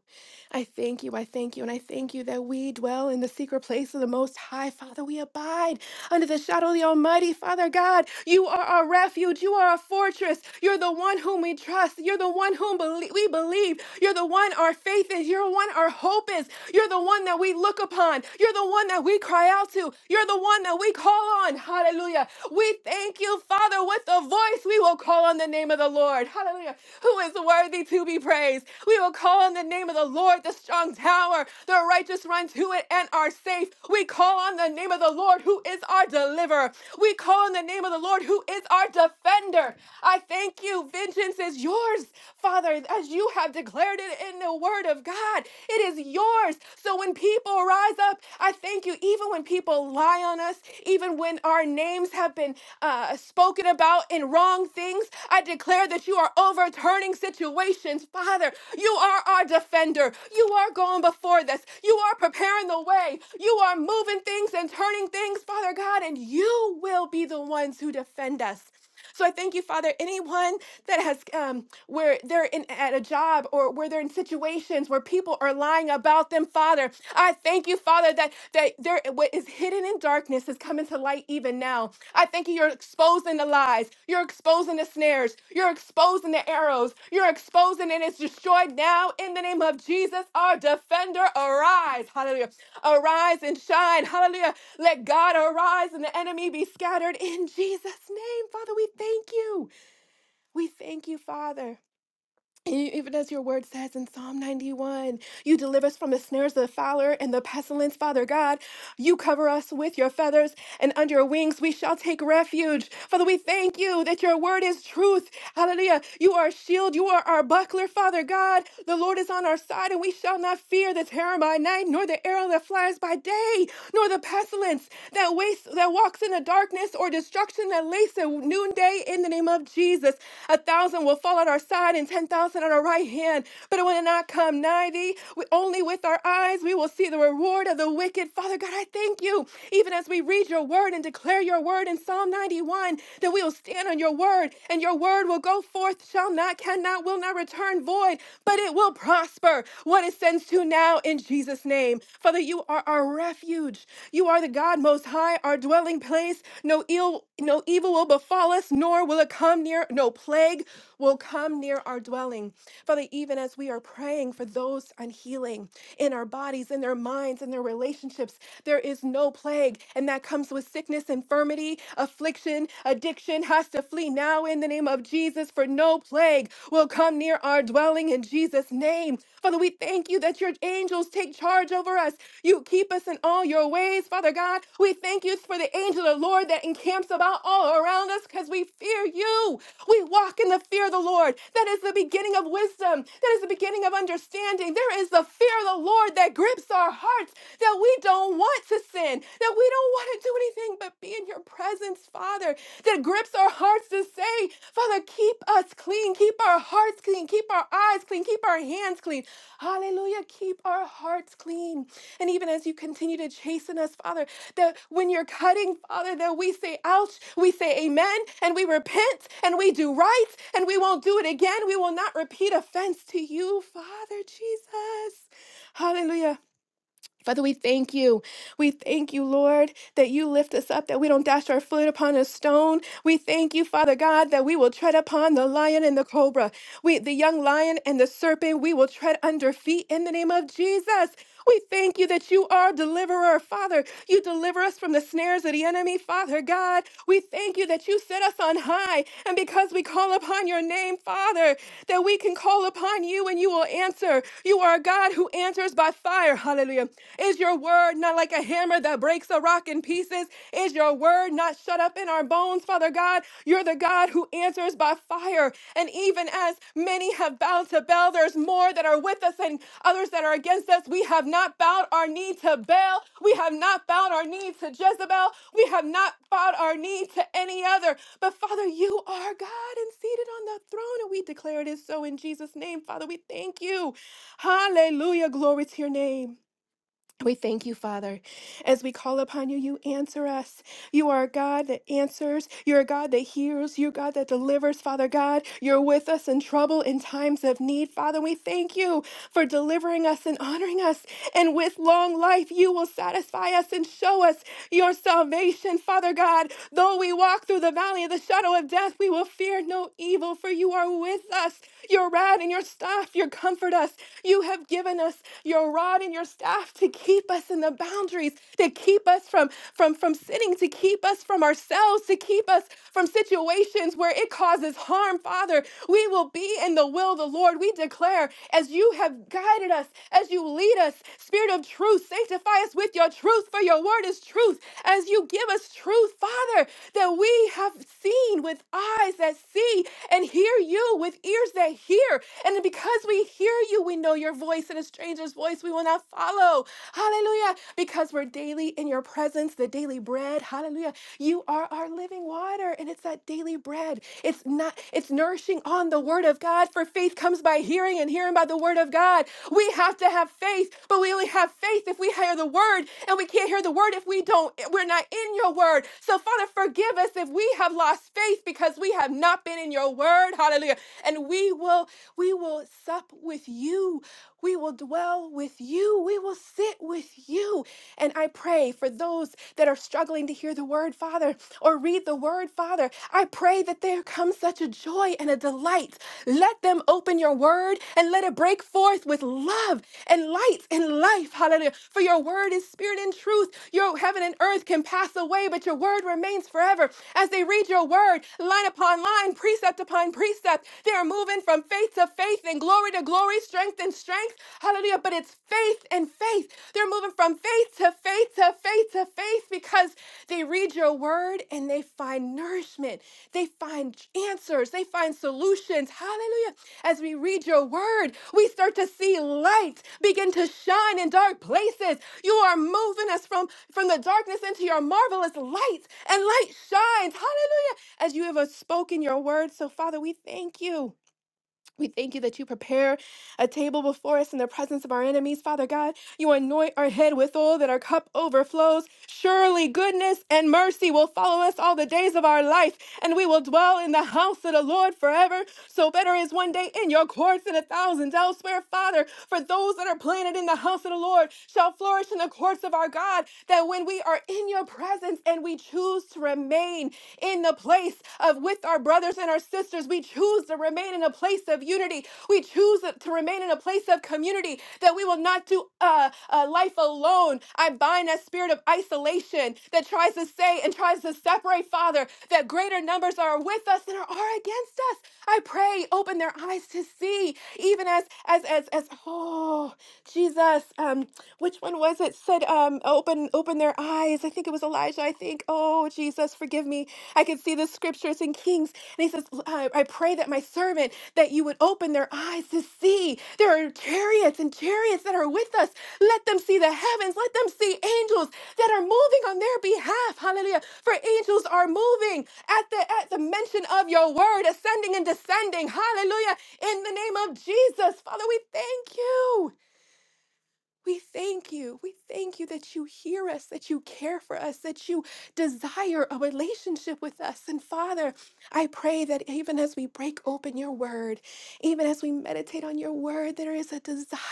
Speaker 2: I thank you. I thank you. And I thank you that we dwell in the secret place of the Most High. Father, we abide under the shadow of the Almighty. Father God, you are our refuge. You are our fortress. You're the one whom we trust. You're the one whom belie- we believe. You're the one our faith is. You're the one our hope is. You're the one that we look upon. You're the one that we cry out to. You're the one that we call on. Hallelujah. We thank you, Father, with a voice we will call call on the name of the Lord. Hallelujah. Who is worthy to be praised? We will call on the name of the Lord, the strong tower. The righteous run to it and are safe. We call on the name of the Lord, who is our deliverer. We call on the name of the Lord, who is our defender. I thank you. Vengeance is yours, Father, as you have declared it in the word of God. It is yours. So when people rise up, I thank you. Even when people lie, rely on us even when our names have been uh, spoken about in wrong things. I declare that you are overturning situations, Father. You are our defender. You are going before this. You are preparing the way. You are moving things and turning things, Father God, and you will be the ones who defend us. So I thank you, Father. Anyone that has, um, where they're in at a job or where they're in situations where people are lying about them, Father, I thank you, Father, that that there what is hidden in darkness is coming to light even now. I thank you. You're exposing the lies. You're exposing the snares. You're exposing the arrows. You're exposing, and it's destroyed now in the name of Jesus, our defender. Arise. Hallelujah. Arise and shine. Hallelujah. Let God arise and the enemy be scattered in Jesus' name. Father, we thank you. We thank you, Father. And you- Even as your word says in Psalm 91, you deliver us from the snares of the fowler and the pestilence, Father God. You cover us with your feathers, and under your wings we shall take refuge. Father, we thank you that your word is truth. Hallelujah. You are a shield, you are our buckler, Father God. The Lord is on our side, and we shall not fear the terror by night, nor the arrow that flies by day, nor the pestilence that wastes that walks in the darkness or destruction that lays at noonday in the name of Jesus. A thousand will fall at our side and 10,000 at our right hand, but it will not come nigh thee. We, only with our eyes we will see the reward of the wicked. Father God, I thank you, even as we read your word and declare your word in Psalm 91, that we will stand on your word and your word will go forth, shall not, cannot, will not return void, but it will prosper what it sends to now in Jesus' name name. Father, you are our refuge. You are the God most high, our dwelling place. No ill, no evil will befall us, nor will it come near, no plague will come near our dwelling. Father, even as we are praying for those on healing in our bodies, in their minds, in their relationships, there is no plague. And that comes with sickness, infirmity, affliction, addiction has to flee now in the name of Jesus for no plague plague will come near our dwelling in Jesus' name. Father, we thank you that your angels take charge over us. You keep us in all your ways, Father God. We thank you for the angel of the Lord that encamps about all around us because we fear you. We walk in the fear of the Lord. That is the beginning of wisdom. That is the beginning of understanding. There is the fear of the Lord that grips our hearts that we don't want to sin, that we don't want to do anything anything but be in your presence, Father, that grips our hearts to say, Father, keep us clean, keep our hearts clean, keep our eyes clean, keep our hands clean. Hallelujah, keep our hearts clean. And even as you continue to chasten us, Father, that when you're cutting, Father, that we say, ouch, we say amen, and we repent, and we do right, and we won't do it again. We will not repeat offense to you, Father Jesus. Hallelujah. Father, we thank you. We thank you, Lord, that you lift us up, that we don't dash our foot upon a stone. We thank you, Father God, that we will tread upon the lion and the cobra. We, the young lion and the serpent, we will tread under feet in the name of Jesus. We thank you that you are deliverer, Father. You deliver us from the snares of the enemy, Father God. We thank you that you set us on high. And because we call upon your name, Father, that we can call upon you and you will answer. You are a God who answers by fire. Hallelujah. Is your word not like a hammer that breaks a rock in pieces? Is your word not shut up in our bones, Father God? You're the God who answers by fire fire. And even as many have bowed to Baal, there's more that are with us and others that are against us. We have not bowed our knee to Baal. We have not bowed our knee to Jezebel. We have not bowed our knee to any other. But Father, you are God and seated on the throne. And we declare it is so in Jesus' name. Father, we thank you. Hallelujah. Glory to your name. We thank you, Father. As we call upon you, you answer us. You are a God that answers. You're a God that heals. You're a God that delivers, Father God. You're with us in trouble in times of need. Father, we thank you for delivering us and honoring us. And with long life, you will satisfy us and show us your salvation, Father God. Though we walk through the valley of the shadow of death, we will fear no evil, for you are with us. Your rod and your staff, you comfort us. You have given us your rod and your staff to keep us in the boundaries, to keep keep us from from from sinning, to keep us from ourselves, to keep us from situations where it causes harm, Father. We will be in the will of the Lord. We declare as you have guided us, as you lead us, Spirit of truth, sanctify us with your truth, for your word is truth. As you give us truth, Father, that we have seen with eyes that see and hear you with ears that hear. And because we hear you, we know your voice and a stranger's voice we will not follow. Hallelujah. Because we're daily in your presence, the daily bread. Hallelujah. You are our living water, and it's that daily bread. It's not, it's nourishing on the word of God, for faith comes by hearing and hearing by the word of God. We have to have faith, but we only have faith if we hear the word, and we can't hear the word if we don't, we're not in your word. So, Father, forgive us if we have lost faith because we have not been in your word. Hallelujah. And we will, we will sup with you. We will dwell dwell with you. We will sit with you. And I pray for those that are struggling to hear the word, Father, or read the word, Father. I pray that there comes such a joy and a delight. Let them open your word and let it break forth with love and light and life. Hallelujah. For your word is spirit and truth. Your heaven and earth can pass away, but your word remains forever. As they read your word, line upon line, precept upon precept, they are moving from faith to faith and glory glory to glory, strength and strength. Hallelujah. But it's faith and faith. They're moving from faith to faith to faith to faith because they read your word and they find nourishment. They find answers. They find solutions. Hallelujah. As we read your word, we start to see light begin to shine in dark places. You are moving us from, from the darkness into your marvelous light, and light shines. Hallelujah. As you have uh, spoken your word. So, Father, we thank you. We thank you that you prepare a table before us in the presence of our enemies. Father God, you anoint our head with oil that our cup overflows. Surely goodness and mercy will follow us all the days of our life, and we will dwell in the house of the Lord forever. So better is one day in your courts than a thousand elsewhere. Father, for those that are planted in the house of the Lord shall flourish in the courts of our God, that when we when we are in your presence and we choose to remain in the place of with our brothers and our sisters. We choose to remain in a place of unity. We choose to remain in a place of community that we will not do uh, uh, life alone. I bind that spirit of isolation that tries to say and tries to separate, Father, that greater numbers are with us than are against us. I pray, open open their eyes to see, even as as as as oh Jesus, um, which one was it? Said um, open open their eyes. I think it was Elijah. I think oh Jesus, forgive me. I could see the scriptures in Kings, and he says, I, I pray that my servant that you would open their eyes to see. There are chariots and chariots that are with us. Let them see the heavens. Let them see angels that are moving on their behalf. Hallelujah. For angels are moving at the at the mention of your word, ascending and descending. Hallelujah. In the name of Jesus. Father, we thank you. We thank you. We thank you that you hear us, that you care for us, that you desire a relationship with us. And Father, I pray that even as we break open your word, even as we meditate on your word, there is a desire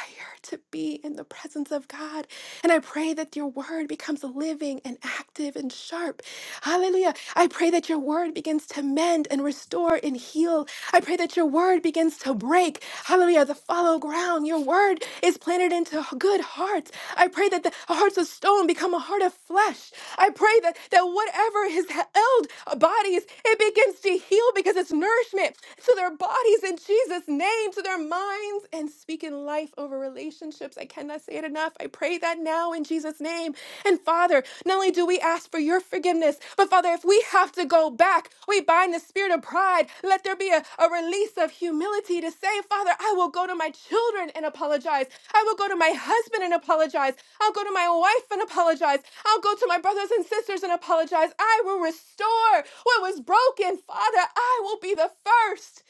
Speaker 2: to be in the presence of God. And I pray that your word becomes living and active and sharp. Hallelujah. I pray that your word begins to mend and restore and heal. I pray that your word begins to break. Hallelujah. The fallow ground. Your word is planted into good hearts. I pray that the hearts of stone become a heart of flesh. I pray that, that whatever has held uh, bodies, it begins to heal because it's nourishment to their bodies bodies in Jesus' name, to their minds, and speaking life over relationships. I cannot say it enough. I pray that now in Jesus' name. And Father, not only do we ask for your forgiveness, but Father, if we have to go back, we bind the spirit of pride. Let there be a, a release of humility to say, Father, I will go to my children and apologize. I will go to my husband and apologize. I'll go to my wife and apologize. I'll go to my brothers and sisters and apologize. I will restore what was broken. Father, I will be the first.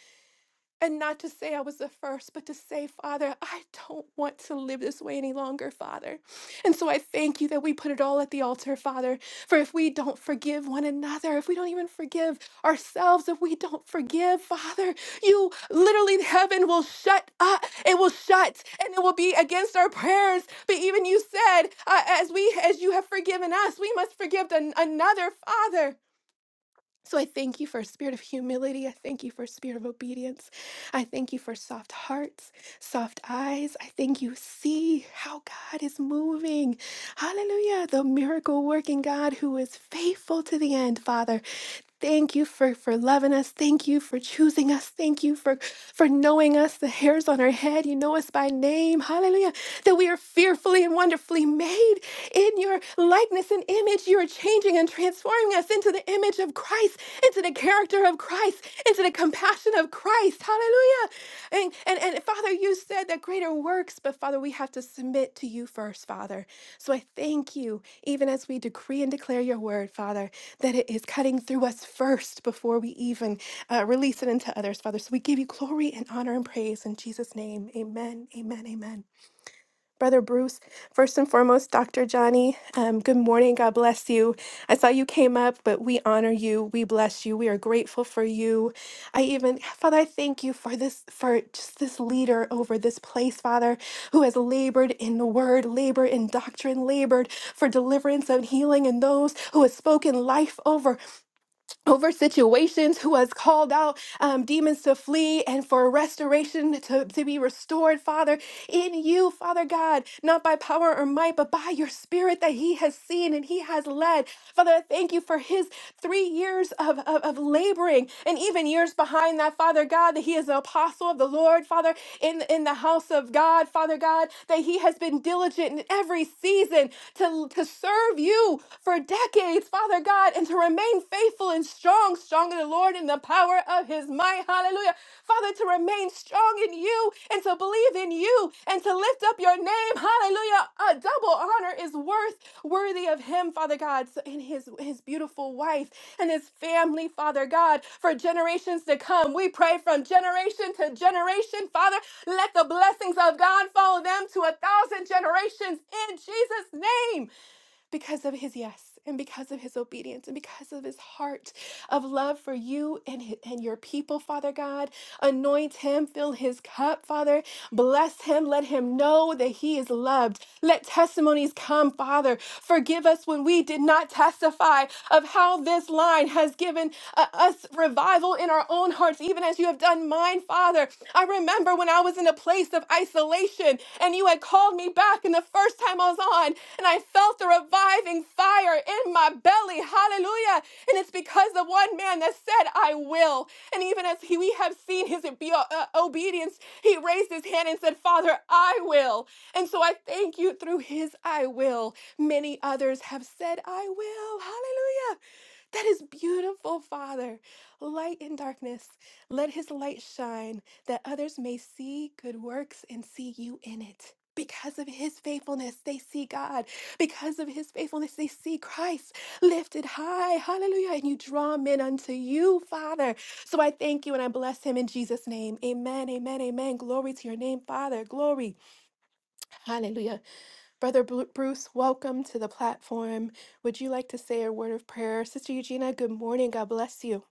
Speaker 2: And not to say I was the first, but to say, Father, I don't want to live this way any longer, Father. And so I thank you that we put it all at the altar, Father. For if we don't forgive one another, if we don't even forgive ourselves, if we don't forgive, Father, you literally, heaven will shut up. It will shut and it will be against our prayers. But even you said, uh, as we, as you have forgiven us, we must forgive an- another, Father. So I thank you for a spirit of humility. I thank you for a spirit of obedience. I thank you for soft hearts, soft eyes. I thank you see how God is moving. Hallelujah. The miracle working God who is faithful to the end, Father. Thank you for, for loving us. Thank you for choosing us. Thank you for, for knowing us, the hairs on our head. You know us by name. Hallelujah. That we are fearfully and wonderfully made in your likeness and image. You are changing and transforming us into the image of Christ, into the character of Christ, into the compassion of Christ. Hallelujah. And, and, and Father, you said that greater works, but Father, we have to submit to you first, Father. So I thank you, even as we decree and declare your word, Father that it is cutting through us first before we even uh, release it into others, Father. So we give you glory and honor and praise in Jesus' name. Amen, amen, amen. Brother Bruce, first and foremost, Dr. Johnny, um, good morning. God bless you. I saw you came up, but we honor you. We bless you. We are grateful for you. I even, Father, I thank you for this, for just this leader over this place, Father, who has labored in the word, labored in doctrine, labored for deliverance and healing, and those who have spoken life over over situations, who has called out um, demons to flee and for restoration to, to be restored, Father, in you, Father God, not by power or might, but by your spirit that he has seen and he has led. Father, I thank you for his three years of, of, of laboring and even years behind that, Father God, that he is an apostle of the Lord, Father, in, in the house of God, Father God, that he has been diligent in every season to, to serve you for decades, Father God, and to remain remain faithful and strong, strong in the Lord in the power of his might. Hallelujah. Father, to remain strong in you and to believe in you and to lift up your name. Hallelujah. A double honor is worth worthy of him, Father God, so- and his his beautiful wife and his family, Father God, for generations to come. We pray from generation to generation, Father, let the blessings of God follow them to a thousand generations in Jesus' name because of his yes and because of his obedience and because of his heart of love for you and, hi- and your people, Father God. Anoint him, fill his cup, Father. Bless him. Let him know that he is loved. Let testimonies come, Father. Forgive us when we did not testify of how this line has given uh, us revival in our own hearts, even as you have done mine, Father. I remember when I was in a place of isolation and you had called me back, and the first time I was on, and I felt the reviving fire in my belly. Hallelujah. And it's because the one man that said, I will. And even as he, we have seen his obe- uh, obedience, he raised his hand and said, Father, I will. And so I thank you through his I will. Many others have said, I will. Hallelujah. That is beautiful, Father. Light in darkness. Let his light shine that others may see good works and see you in it. Because of his faithfulness, they see God. Because of his faithfulness, they see Christ lifted high. Hallelujah. And you draw men unto you, Father. So I thank you and I bless him in Jesus' name. Amen, amen, amen. Glory to your name, Father. Glory. Hallelujah. Brother Bru- Bruce, welcome to the platform. Would you like to say a word of prayer? Sister Eugenia, good morning. God bless you.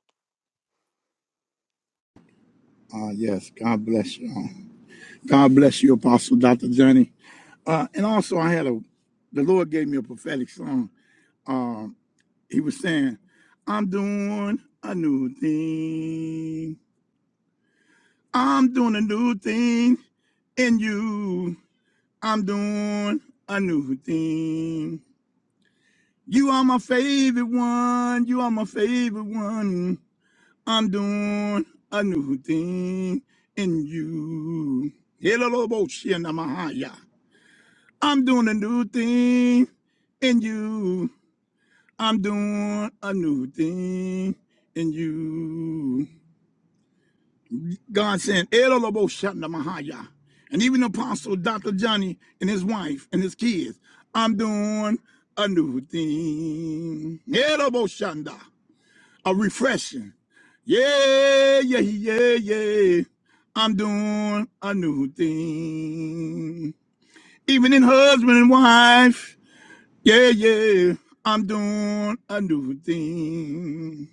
Speaker 3: Uh, yes, God bless you. all. God bless you, Apostle Dr. Johnny. Uh, and also, I had a, the Lord gave me a prophetic song. Um, he was saying, I'm doing a new thing. I'm doing a new thing in you. I'm doing a new thing. You are my favorite one. You are my favorite one. I'm doing a new thing in you. Hello, I'm doing a new thing in you. I'm doing a new thing in you. God sent Elolobo Mahaya. And even Apostle Dr. Johnny and his wife and his kids. I'm doing a new thing. Elobo a refreshing. Yeah, yeah, yeah, yeah. I'm doing a new thing. Even in husband and wife. Yeah, yeah. I'm doing a new thing.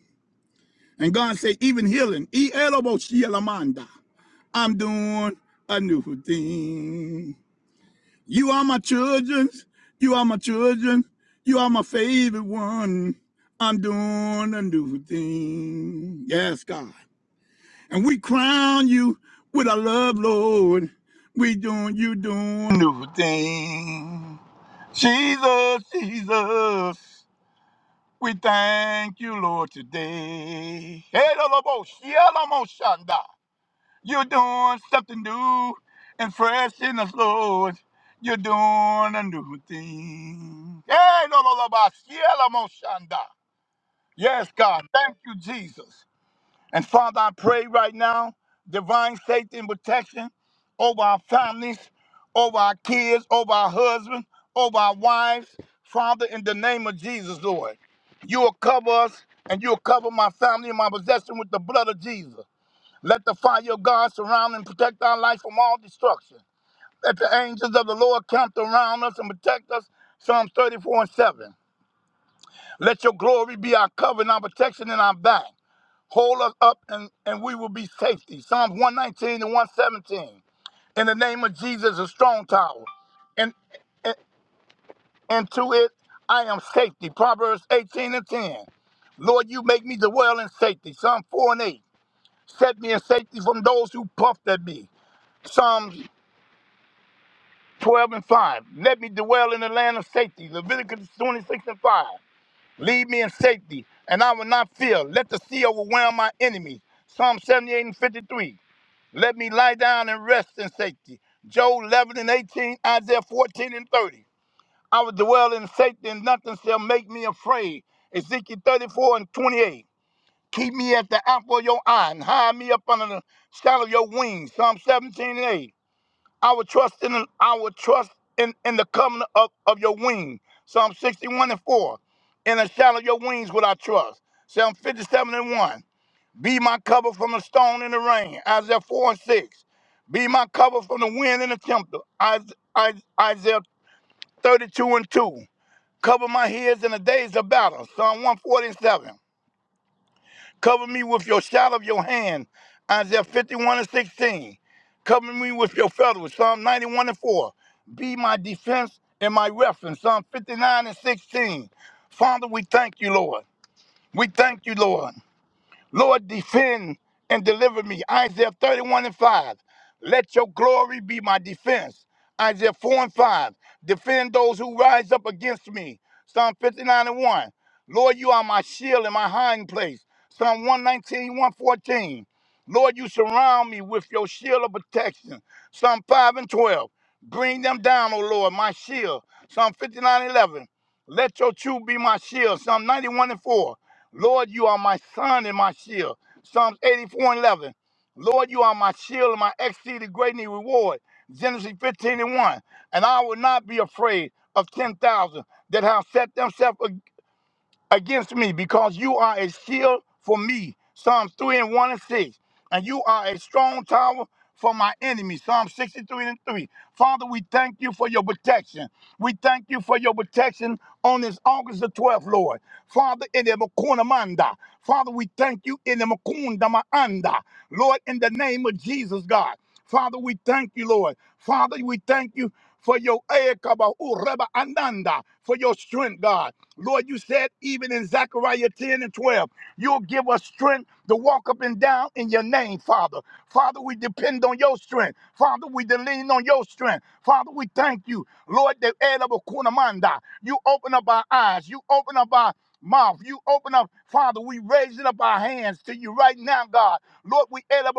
Speaker 3: And God say, even healing. E elobo I'm doing a new thing. You are my children. You are my children. You are my favorite one. I'm doing a new thing. Yes, God. And we crown you with our love, Lord. We doing you doing new thing. Jesus, Jesus, we thank you, Lord, today. Hey, Lord, You're doing something new and fresh in us, Lord. You're doing a new thing. Hey, Lord, Lord, Lord, Yes, God. Thank you, Jesus. And Father, I pray right now divine safety and protection over our families, over our kids, over our husbands, over our wives. Father, in the name of Jesus, Lord, you will cover us and you will cover my family and my possession with the blood of Jesus. Let the fire of God surround and protect our life from all destruction. Let the angels of the Lord camp around us and protect us. Psalms 34 and 7. Let your glory be our cover and our protection and our back. Hold us up and, and we will be safety. Psalms 119 and 117. In the name of Jesus, a strong tower. And, and, and to it, I am safety. Proverbs 18 and 10. Lord, you make me dwell in safety. Psalm 4 and 8. Set me in safety from those who puffed at me. Psalms 12 and 5. Let me dwell in the land of safety. Leviticus 26 and 5. Lead me in safety, and I will not fear. Let the sea overwhelm my enemies. Psalm 78 and 53. Let me lie down and rest in safety. Job 11 and 18, Isaiah 14 and 30. I will dwell in safety and nothing shall make me afraid. Ezekiel 34 and 28. Keep me at the apple of your eye and hide me up under the shadow of your wings. Psalm 17 and 8. I will trust in I will trust in, in the covenant of, of your wing. Psalm 61 and 4. In the shadow of your wings will I trust. Psalm 57 and 1. Be my cover from the storm and the rain. Isaiah 4 and 6. Be my cover from the wind and the tempter. Is- Is- Isaiah 32 and 2. Cover my heads in the days of battle. Psalm one forty and seven. Cover me with your shadow of your hand. Isaiah 51 and 16. Cover me with your feathers. Psalm 91 and 4. Be my defense and my reference. Psalm 59 and 16. Father, we thank you, Lord. We thank you, Lord. Lord, defend and deliver me. Isaiah 31 and 5. Let your glory be my defense. Isaiah 4 and 5. Defend those who rise up against me. Psalm 59 and 1. Lord, you are my shield and my hiding place. Psalm 119, 114. Lord, you surround me with your shield of protection. Psalm 5 and 12. Bring them down, O Lord, my shield. Psalm 59:11. Let your truth be my shield. Psalm 91 and 4. Lord, you are my son and my shield. Psalms 84 and 11. Lord, you are my shield and my exceeding greatly reward. Genesis 15 and 1. And I will not be afraid of 10,000 that have set themselves against me because you are a shield for me. Psalms 3 and 1 and 6. And you are a strong tower for my enemies. Psalm 63 and 3. Father, we thank you for your protection. We thank you for your protection on this August the 12th, Lord. Father, in the Makuna Manda. Father, we thank you in the Makunda Maanda. Lord, in the name of Jesus, God. Father, we thank you, Lord. Father, we thank you for your Ekaba Ureba Ananda, for your strength, God. Lord, you said even in Zechariah 10 and 12, you'll give us strength to walk up and down in your name, Father. Father, we depend on your strength. Father, we lean on your strength. Father, we thank you. Lord, that Ed of you open up our eyes, you open up our mouth, you open up, Father, we raising up our hands to you right now, God. Lord, we Ed of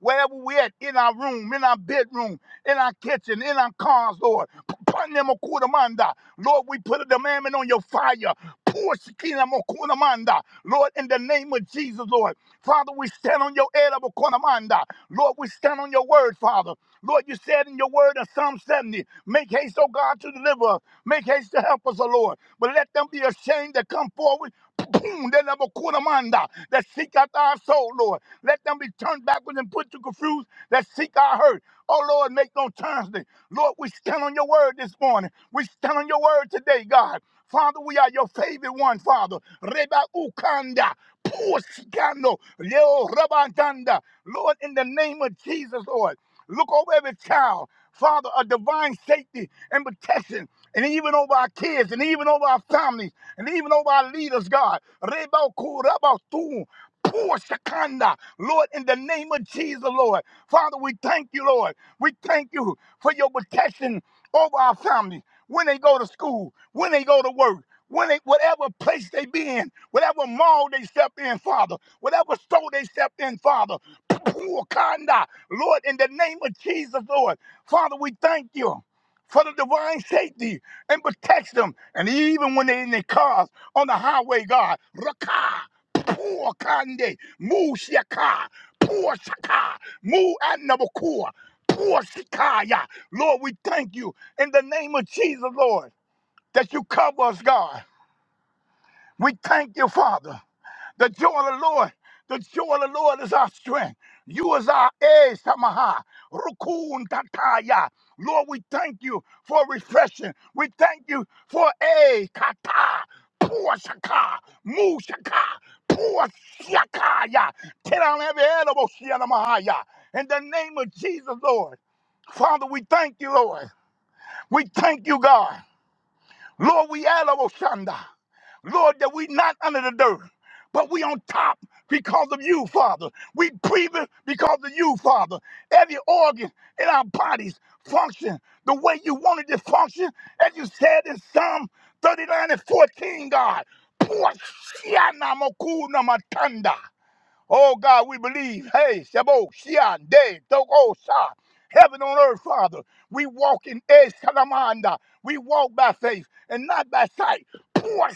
Speaker 3: wherever we at, in our room, in our bedroom, in our kitchen, in our cars, Lord. Panemokudamanda. Lord, we put a demandment on your fire. Pour Shikinamokudamanda. Lord, in the name of Jesus, Lord. Father, we stand on your Edabokonamanda. Lord, we stand on your word, Father. Lord, you said in your word in Psalm 70, make haste, O God, to deliver us. Make haste to help us, O Lord. But let them be ashamed that come forward. Boom, they never quit amanda, that seek after our soul, Lord. Let them be turned backwards and put to confuse that seek our hurt. Oh, Lord, make no Thursday. Lord, we stand on your word this morning. We stand on your word today, God. Father, we are your favorite one, Father. Reba ukanda, pushkando, leo rabandanda. Lord, in the name of Jesus, Lord, look over every child. Father, a divine safety and protection, and even over our kids, and even over our families, and even over our leaders, God. Reba kuraba tu. poor pushkanda. Lord, in the name of Jesus, Lord. Father, we thank you, Lord. We thank you for your protection over our families when they go to school, when they go to work, when they whatever place they be in, whatever mall they step in, Father, whatever store they step in, Father. Wakanda, Lord, in the name of Jesus, Lord, Father, we thank you for the divine safety and protect them. And even when they're in their cars on the highway, God, Raka, Puakande, Mu Shaka, poor shaka, Mu Anabakua. Poshikaya. Lord, we thank you in the name of Jesus, Lord, that you cover us, God. We thank you, Father. The joy of the Lord. The joy of the Lord is our strength. You is our age, Tamaha. Rukun Tataya. Lord, we thank you for refreshing. We thank you for a kata. Puashaka. Mushaka. Puashakaya. Tear down every elbow, Shianamahaya. In the name of Jesus, Lord. Father, we thank you, Lord. We thank you, God. Lord, we elbow Shanda. Lord, that we not under the dirt, but we on top because of you, Father. We breathing because of you, Father. Every organ in our bodies function the way you wanted to function, as you said in Psalm 39 and 14, God. Poor Shiana Makuna Matanda. Oh God, we believe. Hey, Shabo, Shian, De, Toko, Sha. Heaven on earth, Father. We walk in Esh Kalamanda. We walk by faith and not by sight. Poor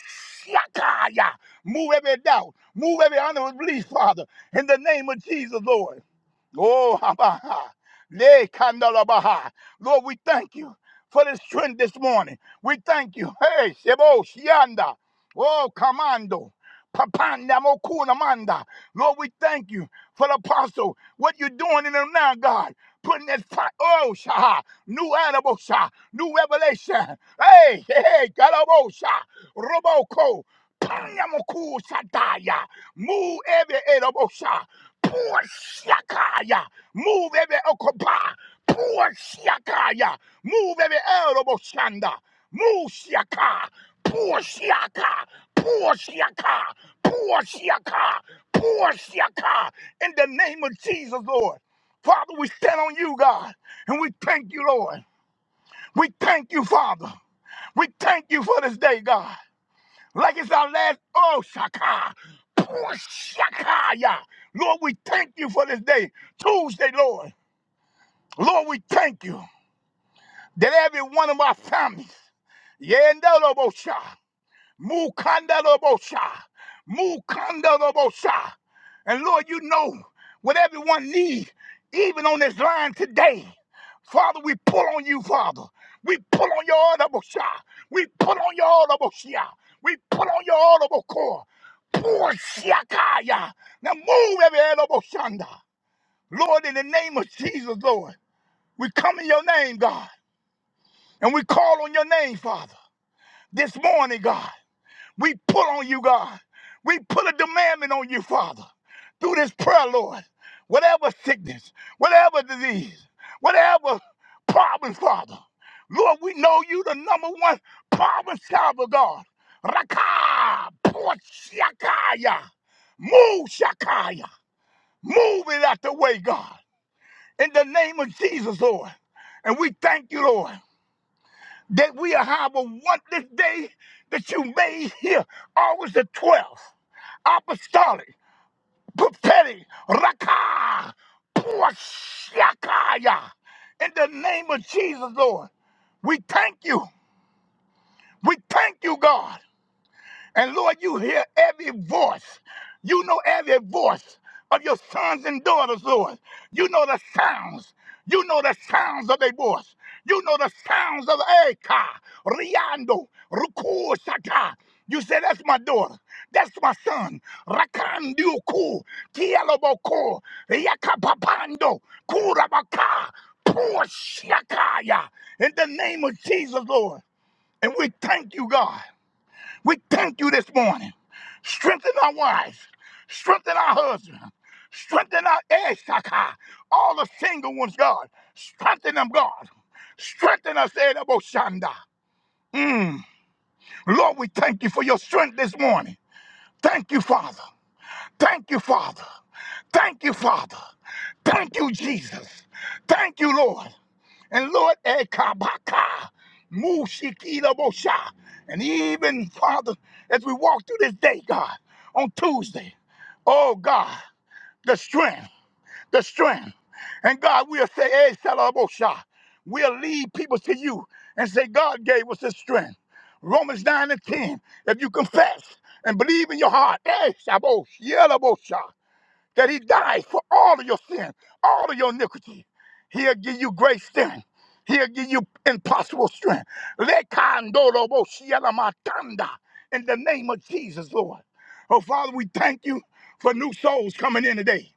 Speaker 3: Shakaya. Move every doubt. Move every unbelief, Father. In the name of Jesus, Lord. Oh, Abaha. Le Kandalabaha. Lord, we thank you for this trend this morning. We thank you. Hey, Sebo Shianda. Oh, Commando. Papanda Mokuna Manda. Lord, we thank you for the apostle. What you're doing in them now, God. Putting that fire. Oh, Shah. New animal, Shah. New revelation. Hey, hey, Galabo Shah. Roboko. Panya mkuu Sadaya. Move every Erobosha. Poor Shakaya. Move every Okopa. Poor Shakaya. Move every Eroboshanda. Move Shaka. Poor Shaka. Poor Shaka. Poor Shaka. Poor Shaka. In the name of Jesus, Lord. Father, we stand on you, God, and we thank you, Lord. We thank you, Father. We thank you for this day, God like it's our last. Oh, Shaka. Oh, Shakaya. Lord, we thank you for this day, Tuesday, Lord. Lord, we thank you that every one of our families, yeah, and that, Lord, oh, Shah. Mukandalobosha. Mukandalobosha. And Lord, you know what everyone needs, even on this line today. Father, we pull on you, Father. We pull on your audible shot. We pull on your audible shot. We pull on your audible core. Pour shakaya. Now move every elbow shanda. Lord, in the name of Jesus, Lord, we come in your name, God, and we call on your name, Father, this morning, God. We put on you, God. We put a demandment on you, Father, through this prayer, Lord. Whatever sickness, whatever disease, whatever problem, Father. Lord, we know you the number one problem solver, God. Raka, put shakaya, move shakaya, move it out the way, God. In the name of Jesus, Lord. And we thank you, Lord, that we have a one this day that you made here, August the 12th apostolic, prophetic, raka, puashakaya. In the name of Jesus, Lord, we thank you. We thank you, God. And Lord, you hear every voice. You know every voice of your sons and daughters, Lord. You know the sounds. You know the sounds of their voice. You know the sounds of Eka, Riando, Ruku, Shaka. You say, That's my daughter. That's my son. Rakandiuku, Kieloboko, Yakapapando, Kurabaka, Pushakaya. In the name of Jesus, Lord. And we thank you, God. We thank you this morning. Strengthen our wives. Strengthen our husbands. Strengthen our Eshaka. All the single ones, God. Strengthen them, God. Strengthen us, Edaboshanda. Mm. Lord, we thank you for your strength this morning. Thank you, Father. Thank you, Father. Thank you, Father. Thank you, Jesus. Thank you, Lord. And Lord, Ekabaka, Mushikidabosha. and even, Father, as we walk through this day, God, on Tuesday, oh God, the strength, the strength. And God, we'll say, hey, Salabosha. We'll lead people to you and say, God gave us the strength. Romans 9 and 10, if you confess and believe in your heart, hey, Yelabosha that he died for all of your sin, all of your iniquity. He'll give you great strength. He'll give you impossible strength. Lekandoroboshialamatanda. In the name of Jesus, Lord. Oh, Father, we thank you for new souls coming in today.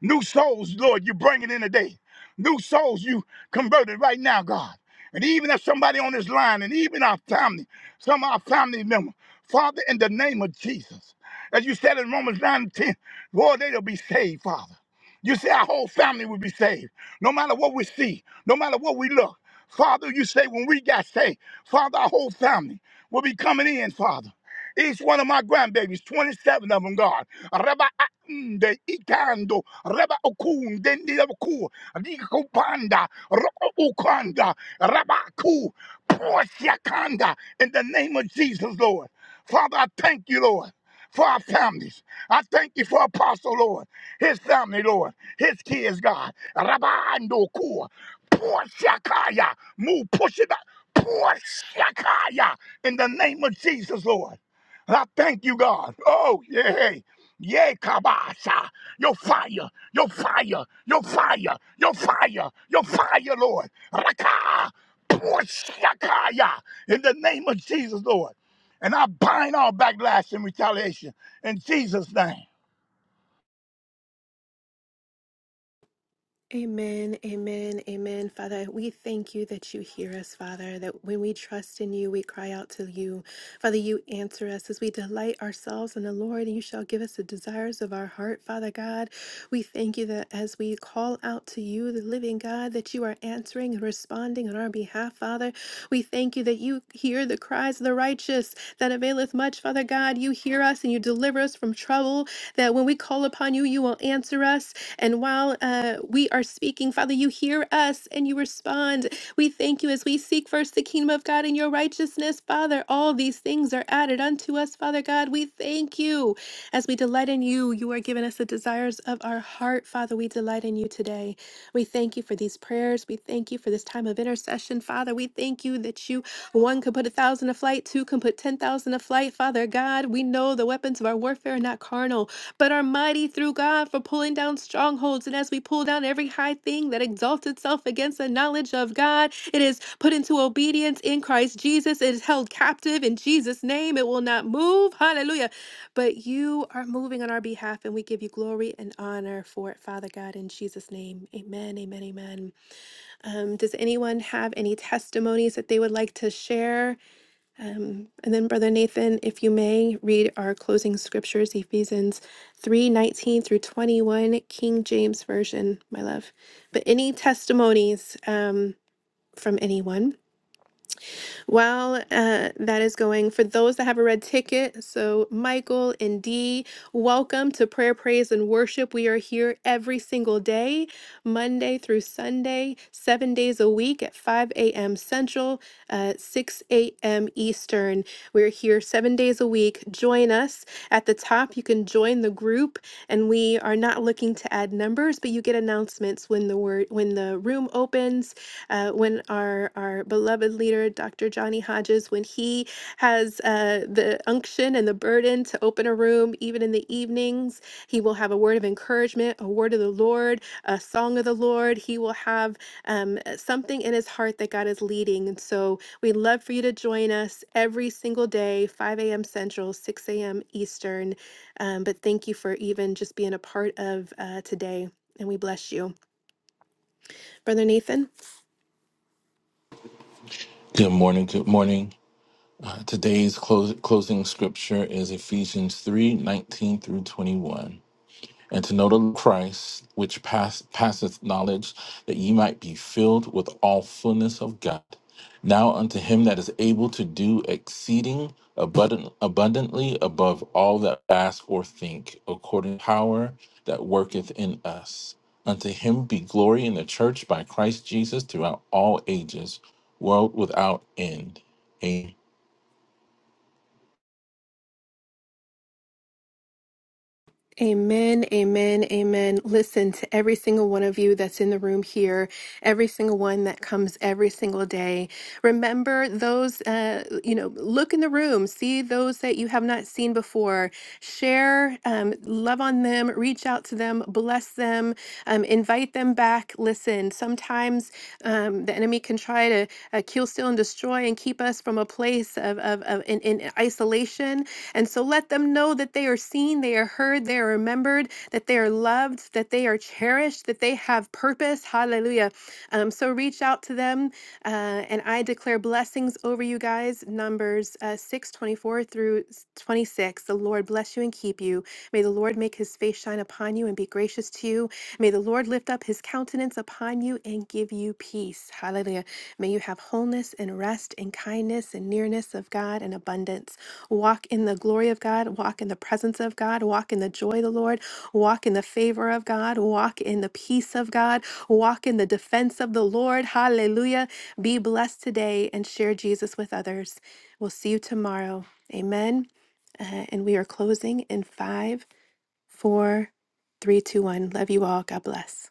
Speaker 3: New souls, Lord, you bring it in today. New souls you converted right now, God. And even if somebody on this line, and even our family, some of our family members, Father, in the name of Jesus, as you said in Romans 9 and 10. Lord, they'll be saved, Father. You say our whole family will be saved, no matter what we see, no matter what we look. Father, you say when we got saved, Father, our whole family will be coming in, Father. Each one of my grandbabies, 27 of them, God. Reba Akunde, Ikando, Reba Okun, Dendi Oku, Riko Panda, Roko Ukanda, Reba Ku, Porsiakanda, in the name of Jesus, Lord. Father, I thank you, Lord, for our families. I thank you for Apostle, Lord, his family, Lord, his kids, God. Rabando Kua, pour Shakaya, move, push it out, pour Shakaya in the name of Jesus, Lord. And I thank you, God. Oh, yeah. Yeah, Kabasha, your fire, your fire, your fire, your fire, your fire, Lord. Raka, pour Shakaya in the name of Jesus, Lord. And I bind all backlash and retaliation in Jesus' name.
Speaker 2: Amen, amen, amen. Father, we thank you that you hear us, Father, that when we trust in you, we cry out to you. Father, you answer us as we delight ourselves in the Lord, and you shall give us the desires of our heart, Father God. We thank you that as we call out to you, the living God, that you are answering and responding on our behalf, Father. We thank you thank you that you hear the cries of the righteous that availeth much, Father God. You hear us and you deliver us from trouble, that when we call upon you, you will answer us. And while uh, we are speaking, Father, you hear us and you respond. We thank you as we seek first the kingdom of God and your righteousness, Father. All these things are added unto us, Father God. We thank you. As we delight in you, you are giving us the desires of our heart, Father. We delight in you today. We thank you for these prayers. We thank you for this time of intercession, Father. We thank you that you one can put a thousand to flight, two can put ten thousand to flight. Father God, we know the weapons of our warfare are not carnal, but are mighty through God for pulling down strongholds. And as we pull down every high thing that exalts itself against the knowledge of God, it is put into obedience in Christ Jesus. It is held captive in Jesus' name. It will not move. Hallelujah. But you are moving on our behalf, and we give you glory and honor for it, Father God, in Jesus' name. Amen, amen, amen. Um, does anyone have any testimonies that they would like to share? Um, and then, Brother Nathan, if you may, read our closing scriptures, Ephesians three nineteen through 21, King James Version, my love. But any testimonies um, from anyone? While uh, that is going, for those that have a red ticket, so Michael and Dee, welcome to Prayer, Praise, and Worship. We are here every single day, Monday through Sunday, seven days a week at 5 a.m. Central, uh, 6 a.m. Eastern. We're here seven days a week. Join us at the top. You can join the group, and we are not looking to add numbers, but you get announcements when the word when the room opens uh, when our our beloved leader, Dr. Johnny Hodges, when he has uh, the unction and the burden to open a room, even in the evenings, he will have a word of encouragement, a word of the Lord, a song of the Lord. He will have um, something in his heart that God is leading, and so we'd love for you to join us every single day, 5 a.m. Central, 6 a.m. Eastern. Um, but thank you for even just being a part of uh, today, and we bless you, Brother Nathan.
Speaker 4: Good morning. Good morning. Uh, Today's close, closing scripture is Ephesians 3 19 through 21 and to know the Lord Christ, which pass, passeth knowledge, that ye might be filled with all fullness of God. Now unto him that is able to do exceeding abundant, abundantly above all that we ask or think, according to power that worketh in us. Unto him be glory in the church by Christ Jesus throughout all ages, world without end.
Speaker 2: Amen, amen, amen. Listen to every single one of you that's in the room here, every single one that comes every single day. Remember those, uh, you know, look in the room, see those that you have not seen before, share, um, love on them, reach out to them, bless them, um, invite them back. Listen, sometimes um, the enemy can try to uh, kill, steal, and destroy and keep us from a place of, of, of in, in isolation and so let them know that they are seen, they are heard, they are remembered, that they are loved, that they are cherished, that they have purpose. Hallelujah. Um, so reach out to them, uh, and I declare blessings over you guys. Numbers uh, 6 twenty-four through 26. The Lord bless you and keep you. May the Lord make his face shine upon you and be gracious to you. May the Lord lift up his countenance upon you and give you peace. Hallelujah. May you have wholeness and rest and kindness and nearness of God and abundance. Walk in the glory of God, walk in the presence of God, walk in the joy of the Lord, walk in the favor of God, walk in the peace of God, walk in the defense of the Lord. Hallelujah. Be blessed today and share Jesus with others. We'll see you tomorrow. Amen. Uh, and we are closing in five, four, three, two, one. Love you all. God bless.